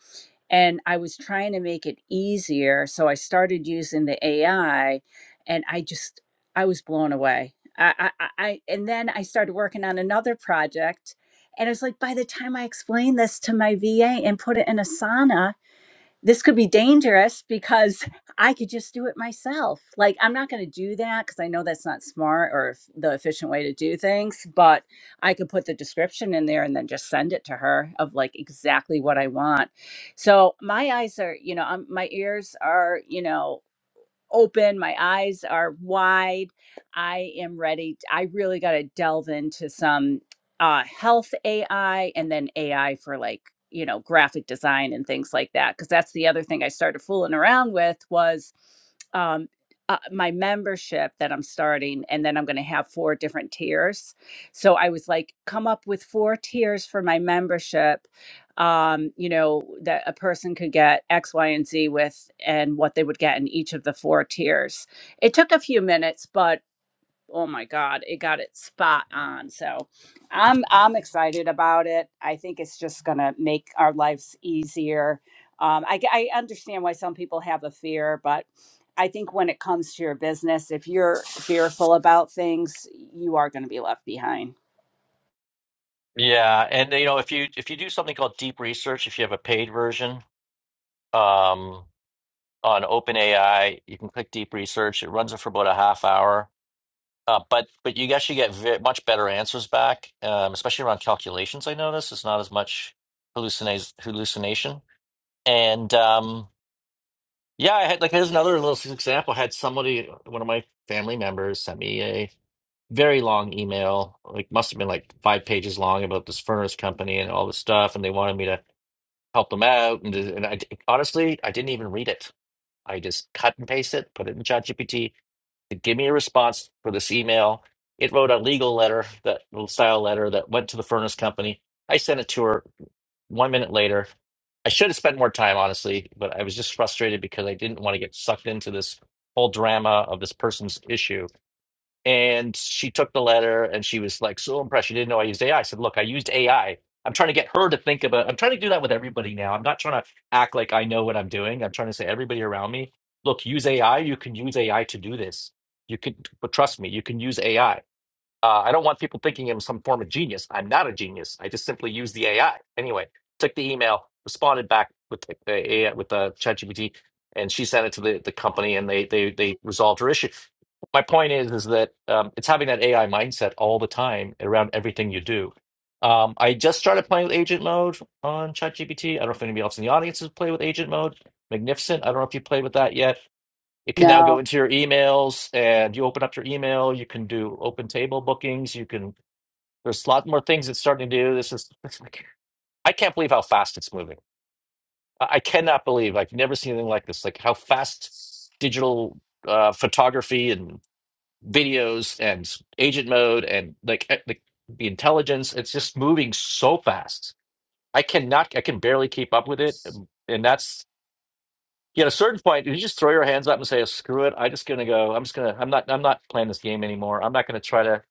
Speaker 4: and I was trying to make it easier. So I started using the AI, and I just I was blown away. I, I, I and then I started working on another project, and it's like by the time I explained this to my VA and put it in Asana, this could be dangerous because I could just do it myself. Like, I'm not going to do that because I know that's not smart or f- the efficient way to do things, but I could put the description in there and then just send it to her of like exactly what I want. So, my eyes are, you know, i my ears are, you know, open my eyes are wide i am ready I really got to delve into some uh health ai and then ai for like you know graphic design and things like that because that's the other thing i started fooling around with was um uh, my membership that i'm starting and then i'm going to have four different tiers so i was like come up with four tiers for my membership um, you know, that a person could get X, Y, and Z with and what they would get in each of the four tiers. It took a few minutes, but oh my God, it got it spot on. So I'm I'm excited about it. I think it's just gonna make our lives easier. Um, I, I understand why some people have a fear, but I think when it comes to your business, if you're fearful about things, you are going to be left behind.
Speaker 1: Yeah, and you know, if you if you do something called deep research, if you have a paid version um, on OpenAI, you can click deep research. It runs it for about a half hour. Uh, but but you actually get ve much better answers back, um, especially around calculations. I notice it's not as much hallucinate hallucination. And um, yeah, I had like here's another little example. I had somebody, one of my family members, sent me a very long email, like must have been like five pages long about this furnace company and all this stuff, and they wanted me to help them out. And, and I honestly, I didn't even read it. I just cut and paste it, put it in ChatGPT, to give me a response for this email. It wrote a legal letter, that little style letter that went to the furnace company. I sent it to her one minute later. I should have spent more time, honestly, but I was just frustrated because I didn't want to get sucked into this whole drama of this person's issue and she took the letter and she was like so impressed. She didn't know I used AI. said, Look, I used AI. I'm trying to get her to think about I'm trying to do that with everybody now. I'm not trying to act like I know what I'm doing. I'm trying to say everybody around me, look, use AI. You can use AI to do this. You can but trust me, you can use AI. Uh, I don't want people thinking I'm some form of genius. I'm not a genius. I just simply use the AI. Anyway, took the email, responded back with the the AI, with the ChatGPT, and she sent it to the, the company, and they they they resolved her issue. My point is is that um, it's having that AI mindset all the time around everything you do. Um, I just started playing with agent mode on ChatGPT. I don't know if anybody else in the audience has played with agent mode. Magnificent. I don't know if you played with that yet. It can now
Speaker 4: No,
Speaker 1: go into your emails and you open up your email. You can do open table bookings. You can, there's a lot more things it's starting to do. This is, it's like, I can't believe how fast it's moving. I I cannot believe I've never seen anything like this. Like how fast digital uh, photography and videos and agent mode and like, eh, like the intelligence, it's just moving so fast. I cannot, I can barely keep up with it. And that's, Yeah, at a certain point, you just throw your hands up and say, "Screw it! I'm just gonna go. I'm just gonna. I'm not. I'm not playing this game anymore. I'm not gonna try to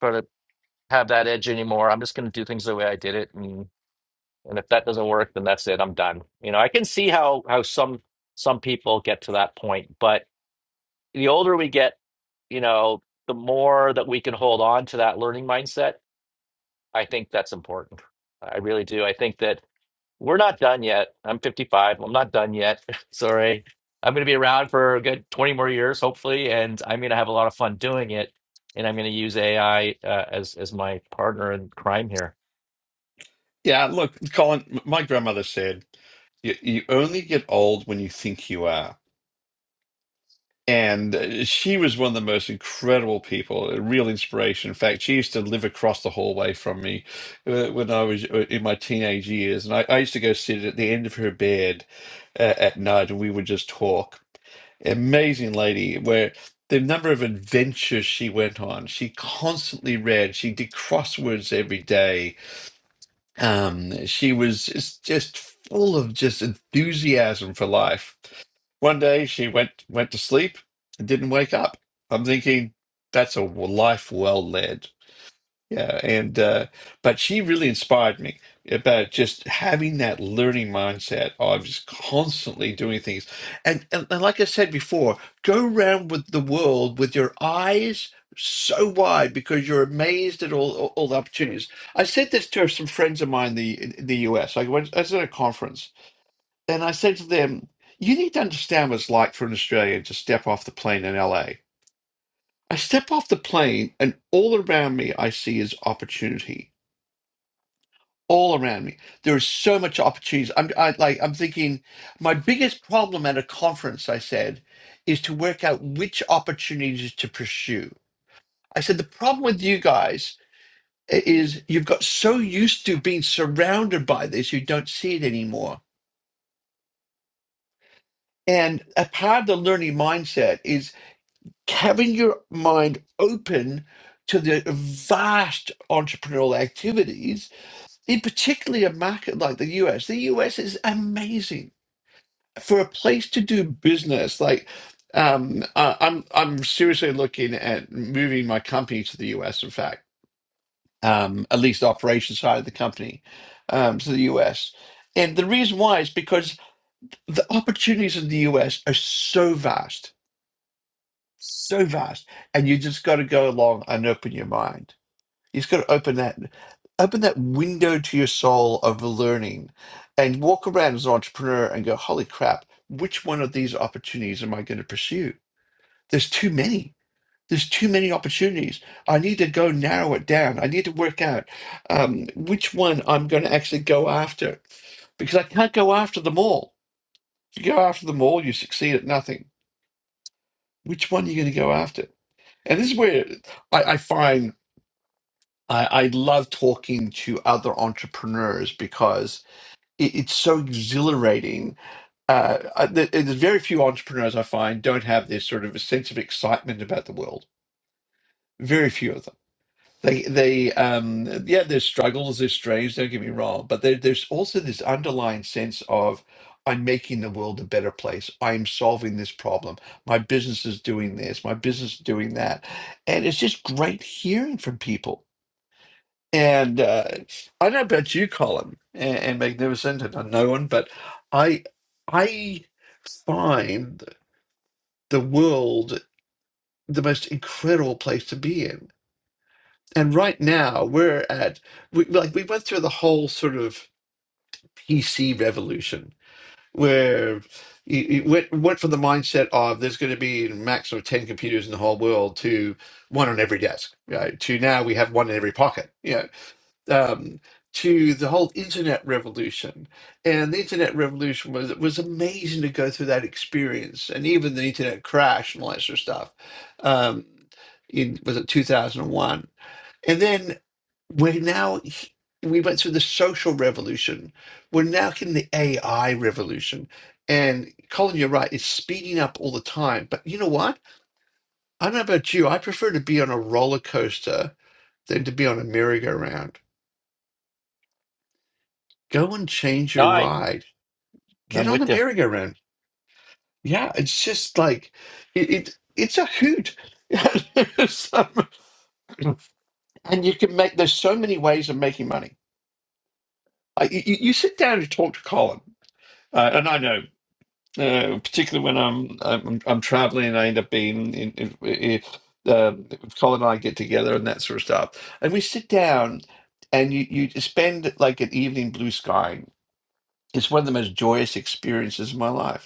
Speaker 1: try to have that edge anymore. I'm just gonna do things the way I did it. And and if that doesn't work, then that's it. I'm done. You know, I can see how how some some people get to that point, but the older we get, you know, the more that we can hold on to that learning mindset. I think that's important. I really do. I think that We're not done yet. I'm 55. Well, I'm not done yet. [LAUGHS] Sorry. I'm going to be around for a good 20 more years, hopefully, and I'm going to have a lot of fun doing it. And I'm going to use AI uh, as as my partner in crime here.
Speaker 2: yeah. Look, Colin, m- my grandmother said you, you only get old when you think you are, and uh, she was one of the most incredible people, a real inspiration. In fact, she used to live across the hallway from me uh, when I was uh, in my teenage years, and I, I used to go sit at the end of her bed uh, at night, and we would just talk. amazing lady where the number of adventures she went on she constantly read she did crosswords every day um she was just, just full of just enthusiasm for life one day she went went to sleep and didn't wake up i'm thinking that's a life well led yeah, and uh, but she really inspired me about just having that learning mindset of just constantly doing things. And, and and like I said before, go around with the world with your eyes so wide because you're amazed at all all, all the opportunities. I said this to some friends of mine in the in the US. I went I was at a conference and I said to them, "You need to understand what it's like for an Australian to step off the plane in LA." I step off the plane and all around me I see is opportunity all around me. There is so much opportunities. I'm I, like I'm thinking my biggest problem at a conference, I said, is to work out which opportunities to pursue. I said the problem with you guys i- is you've got so used to being surrounded by this, you don't see it anymore. And a part of the learning mindset is having your mind open to the vast entrepreneurial activities, in particularly a market like the US. The US is amazing for a place to do business like um I, i'm i'm seriously looking at moving my company to the us in fact um at least the operations side of the company um to the us and the reason why is because the opportunities in the us are so vast so vast and you just got to go along and open your mind You've got to open that open that window to your soul of learning and walk around as an entrepreneur and go, holy crap, which one of these opportunities am I going to pursue? There's too many. There's too many opportunities. I need to go narrow it down. I need to work out um, which one I'm going to actually go after because I can't go after them all. If you go after them all, you succeed at nothing. Which one are you going to go after? And this is where I, I find I, I love talking to other entrepreneurs because it, it's so exhilarating. Uh, I, there- there's very few entrepreneurs I find don't have this sort of a sense of excitement about the world. Very few of them. They, they, um, yeah, there's struggles, there's strains. Don't get me wrong, but there, there's also this underlying sense of I'm making the world a better place. I'm solving this problem. My business is doing this. My business is doing that, and it's just great hearing from people and uh, I don't know about you, Colin, and, and Magnificent, and I know one, but I I find the world the most incredible place to be in. And right now we're at we like we went through the whole sort of PC revolution where you, you went went from the mindset of there's going to be a maximum of ten computers in the whole world to one on every desk, right? To now we have one in every pocket. Yeah um, to the whole internet revolution. And the internet revolution was it was amazing to go through that experience, and even the internet crash and all that sort of stuff. Um, in was it two thousand and one, and then we're now h- we went through the social revolution. We're now in the AI revolution. And Colin, you're right, it's speeding up all the time. But you know what? I don't know about you. I prefer to be on a roller coaster than to be on a merry-go-round Go and change
Speaker 1: No,
Speaker 2: your
Speaker 1: I
Speaker 2: ride. Get
Speaker 1: I'm
Speaker 2: on the
Speaker 1: with you.
Speaker 2: merry-go-round. Yeah, it's just like it, it it's a hoot. [LAUGHS] So- and you can make there's so many ways of making money. Like you, you you sit down and talk to Colin, uh, and I know, uh, particularly when I'm I'm, I'm traveling, and I end up being in. in, in um, if Colin and I get together and that sort of stuff, and we sit down, and you you spend like an evening blue sky. It's one of the most joyous experiences of my life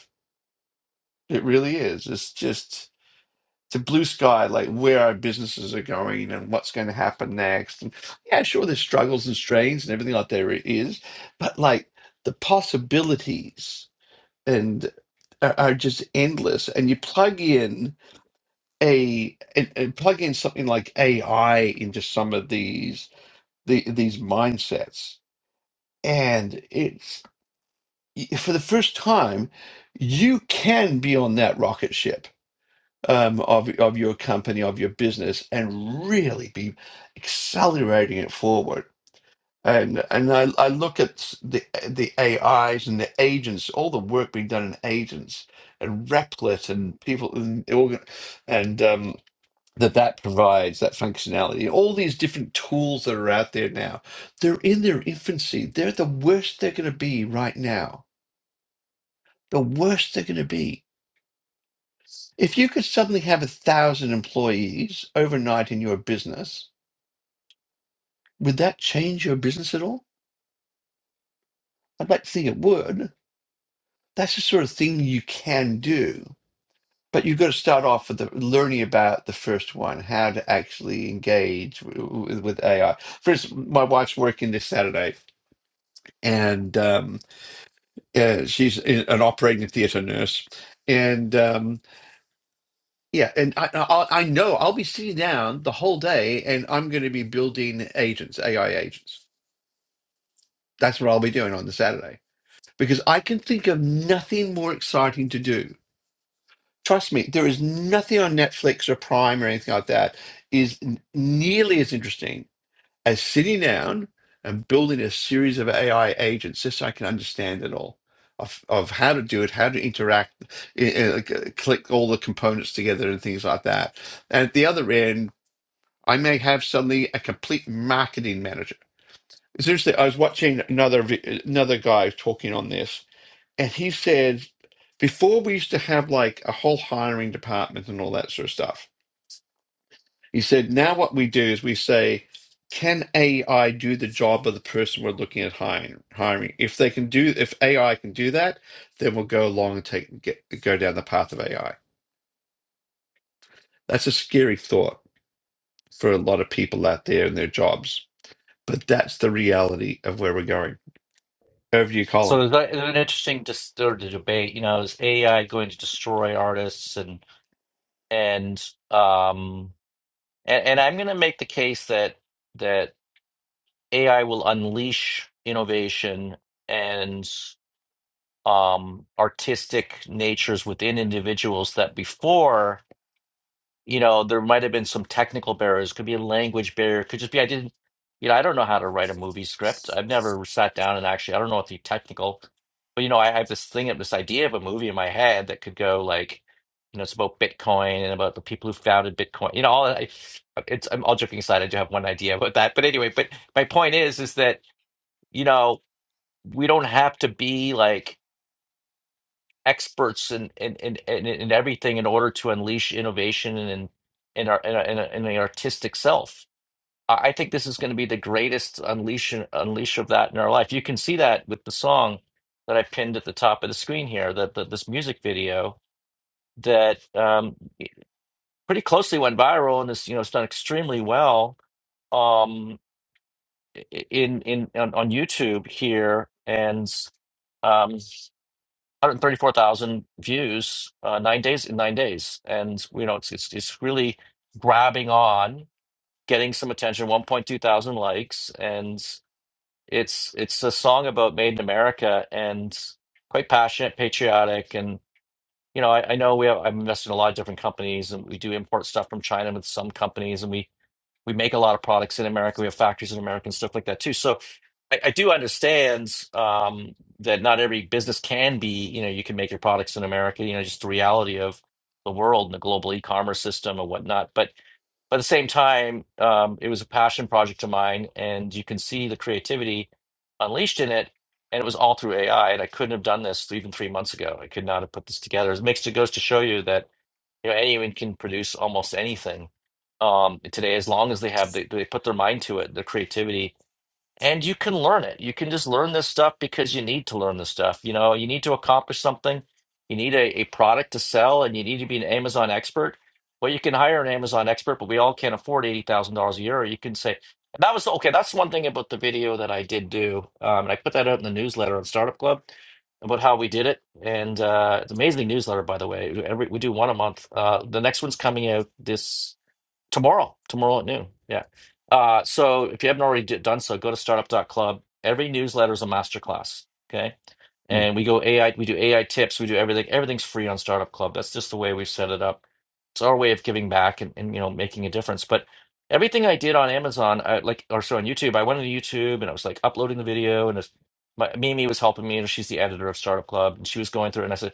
Speaker 2: It really is. It's just it's a blue sky, like where our businesses are going and what's going to happen next. And yeah, sure, there's struggles and strains and everything like there is, but like the possibilities and are, are just endless. And you plug in a and, and plug in something like AI into some of these the, these mindsets, and it's for the first time you can be on that rocket ship um, of of your company, of your business, and really be accelerating it forward. And and I, I look at s- the the AIs and the agents, all the work being done in agents and Replit and people and organ- and um, that that provides that functionality. All these different tools that are out there now, they're in their infancy. They're the worst they're going to be right now. The worst they're going to be. If you could suddenly have a thousand employees overnight in your business, would that change your business at all? I'd like to think it would. That's the sort of thing you can do. But you've got to start off with the, learning about the first one, how to actually engage w- w- with AI. For instance, my wife's working this Saturday, and um, uh, she's i- an operating theatre nurse, and um, Yeah, and I, I I know I'll be sitting down the whole day, and I'm going to be building agents, AI agents. That's what I'll be doing on the Saturday because I can think of nothing more exciting to do. Trust me, there is nothing on Netflix or Prime or anything like that is n- nearly as interesting as sitting down and building a series of AI agents, just so I can understand it all of of how to do it, how to interact, i- i- like, uh, click all the components together, and things like that. And at the other end. I may have suddenly a complete marketing manager. Seriously, I was watching another vi- another guy talking on this, and he said before we used to have like a whole hiring department and all that sort of stuff. He said now what we do is we say, can AI do the job of the person we're looking at hiring? Hiring if they can do if AI can do that, then we'll go along and take get, go down the path of AI. That's a scary thought for a lot of people out there in their jobs But that's the reality of where we're going. Over to you, Colin.
Speaker 1: So there's, a- there's an interesting dis- sort of debate. You know, is AI going to destroy artists and and um and, and I'm going to make the case that that AI will unleash innovation um artistic natures within individuals that before you know there might have been some technical barriers could be a language barrier could just be i didn't you know i don't know how to write a movie script i've never sat down and actually i don't know what the technical but you know i have this thing of this idea of a movie in my head that could go like you know it's about bitcoin and about the people who founded bitcoin you know all i it's i'm all joking aside i do have one idea about that but anyway but my point is is that you know we don't have to be like experts in in in, in, in everything in order to unleash innovation and in in our in, our- in, our- in the artistic self. I I think this is going to be the greatest unleash unleash of that in our life. You can see that with the song that I pinned at the top of the screen here, that that this music video that um, pretty closely went viral and this you know it's done extremely well um, i- in in on, on YouTube here and. Um, 134,000 views uh, nine days in nine days, and you know it's, it's it's really grabbing on, getting some attention. 1.2 thousand likes, and it's it's a song about made in America and quite passionate, patriotic, and you know I, I know we have I'm invested in a lot of different companies, and we do import stuff from China with some companies, and we we make a lot of products in America. We have factories in America and stuff like that too. So I, I do understand um, that not every business can be, you know, you can make your products in America, you know, just the reality of the world and the global e-commerce system and whatnot. But but at the same time, um, it was a passion project of mine, and you can see the creativity unleashed in it. And it was all through AI, and I couldn't have done this even three months ago. I could not have put this together. It makes it goes to show you that you know, anyone can produce almost anything um, today, as long as they have they, they put their mind to it, their creativity, and you can learn it. You can just learn this stuff because you need to learn this stuff. You know, you need to accomplish something. You need a, a product to sell and you need to be an Amazon expert. Well, you can hire an Amazon expert, but we all can't afford $80,000 a year. Or you can say, and that was okay. That's one thing about the video that I did do. Um, and I put that out in the newsletter on Startup Club about how we did it. And uh, it's an amazing newsletter, by the way. Every, we do one a month. Uh, the next one's coming out this tomorrow tomorrow at noon yeah uh, so if you haven't already d- done so go to Startup dot Club. every newsletter is a masterclass okay
Speaker 2: Mm.
Speaker 1: and we go AI, we do AI tips, we do everything. Everything's free on Startup Club. That's just the way we've set it up. It's our way of giving back and, and you know making a difference. But everything I did on Amazon, I, like or so on YouTube, I went on YouTube and I was like uploading the video, and it's my, Mimi was helping me, and she's the editor of Startup Club, and she was going through, it, and I said,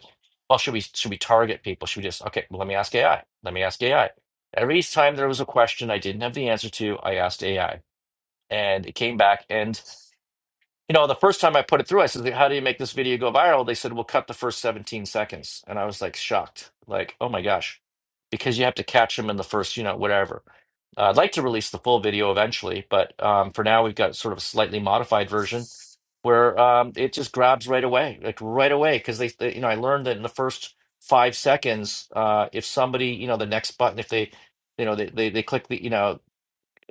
Speaker 1: "Well, should we should we target people? Should we just okay? Well, let me ask AI. Let me ask AI." Every time there was a question I didn't have the answer to, I asked AI, and it came back and you know, the first time I put it through, I said, "How do you make this video go viral?" They said, "We'll cut the first 17 seconds," and I was like shocked, like, "Oh my gosh," because you have to catch them in the first, you know, whatever. Uh, I'd like to release the full video eventually, but um, for now, we've got sort of a slightly modified version where um, it just grabs right away, like right away, because they, they, you know, I learned that in the first five seconds, uh, if somebody, you know, the next button, if they, you know, they they, they click the, you know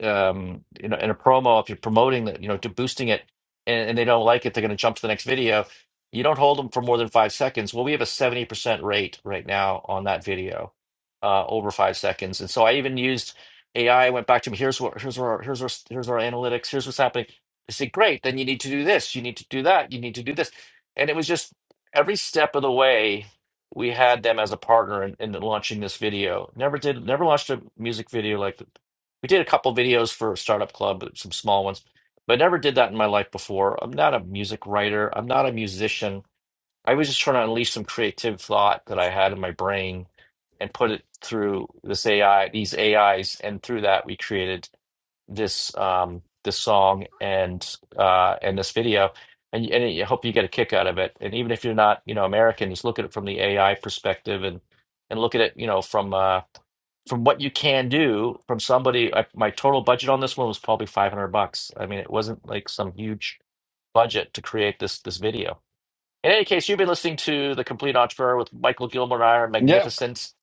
Speaker 1: um, you know, in a promo, if you're promoting that, you know, to boosting it and, and they don't like it, they're going to jump to the next video. You don't hold them for more than five seconds. Well, we have a 70% rate right now on that video, uh, over five seconds. And so I even used AI, I I went back to him, here's what, here's our, here's our, here's our analytics, here's what's happening. I said, great, then you need to do this, you need to do that, you need to do this. And it was just every step of the way, we had them as a partner in, in launching this video. Never did, never launched a music video like we did a couple videos for Startup Club, some small ones, but I never did that in my life before. I'm not a music writer. I'm not a musician. I was just trying to unleash some creative thought that I had in my brain and put it through this AI, these AIs, and through that we created this um, this song and uh, and this video. And, and I hope you get a kick out of it. And even if you're not, you know, American, just look at it from the AI perspective and and look at it, you know, from uh, from what you can do from somebody I, my total budget on this one was probably 500 bucks i mean it wasn't like some huge budget to create this this video in any case, you've been listening to The Complete Entrepreneur with Michael Gilmore and I are
Speaker 2: Yeah,
Speaker 1: magnificent.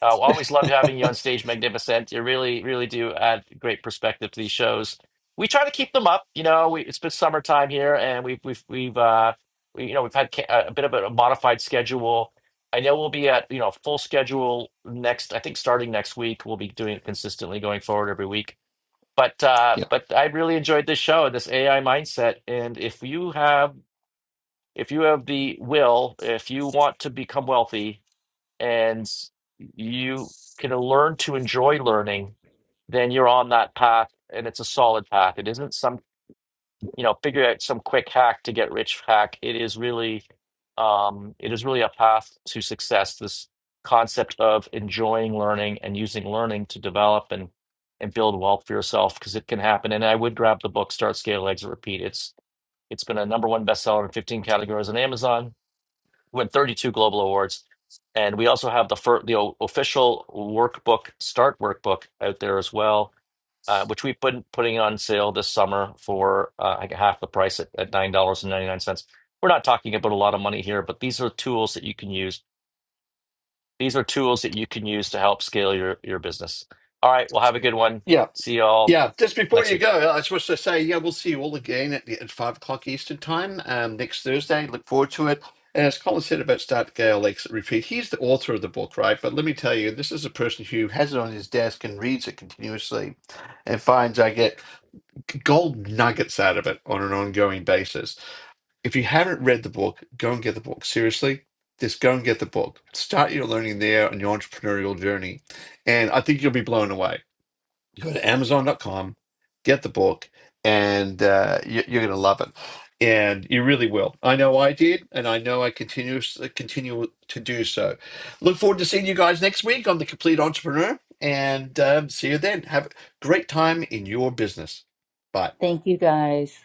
Speaker 1: Uh, always love having you on stage, Magnificent. You really, really do add great perspective to these shows. We try to keep them up. You know, we, it's been summertime here, and we've we've we've uh, we, you know we've had ca- a bit of a modified schedule. I know we'll be at you know full schedule next. I think starting next week, we'll be doing it consistently going forward every week. But uh,
Speaker 2: yeah,
Speaker 1: but I really enjoyed this show, this AI mindset, and if you have if you have the will, if you want to become wealthy and you can learn to enjoy learning, then you're on that path and it's a solid path. It isn't some, you know, figure out some quick hack to get rich hack. It is really, um, it is really a path to success. This concept of enjoying learning and using learning to develop and and build wealth for yourself because it can happen. And I would grab the book Start Scale Exit Repeat. It's it's been a number one bestseller in 15 categories on Amazon won 32 global awards. And we also have the fir- the o- official workbook, Start workbook out there as well, uh, which we've been putting on sale this summer for uh, like half the price at, at $9.99. We're not talking about a lot of money here, but these are tools that you can use. These are tools that you can use to help scale your, your business. All right. Well, have a good one.
Speaker 2: yeah,
Speaker 1: See you all
Speaker 2: yeah. Just before
Speaker 1: next
Speaker 2: you
Speaker 1: week.
Speaker 2: go, I was supposed to say, yeah, we'll see you all again at, the- at five o'clock Eastern time um, next Thursday. Look forward to it. And as Colin said about Start Gale Lakes Repeat, he's the author of the book, right? But let me tell you, this is a person who has it on his desk and reads it continuously and finds I get gold nuggets out of it on an ongoing basis. If you haven't read the book, go and get the book. Seriously, just go and get the book. Start your learning there on your entrepreneurial journey. And I think you'll be blown away. Go to Amazon dot com, get the book, and uh, you- you're going to love it. And you really will. I know I did, and I know I continue, continue to do so. Look forward to seeing you guys next week on The Complete Entrepreneur. And um, see you then. Have a great time in your business. Bye.
Speaker 4: Thank you guys.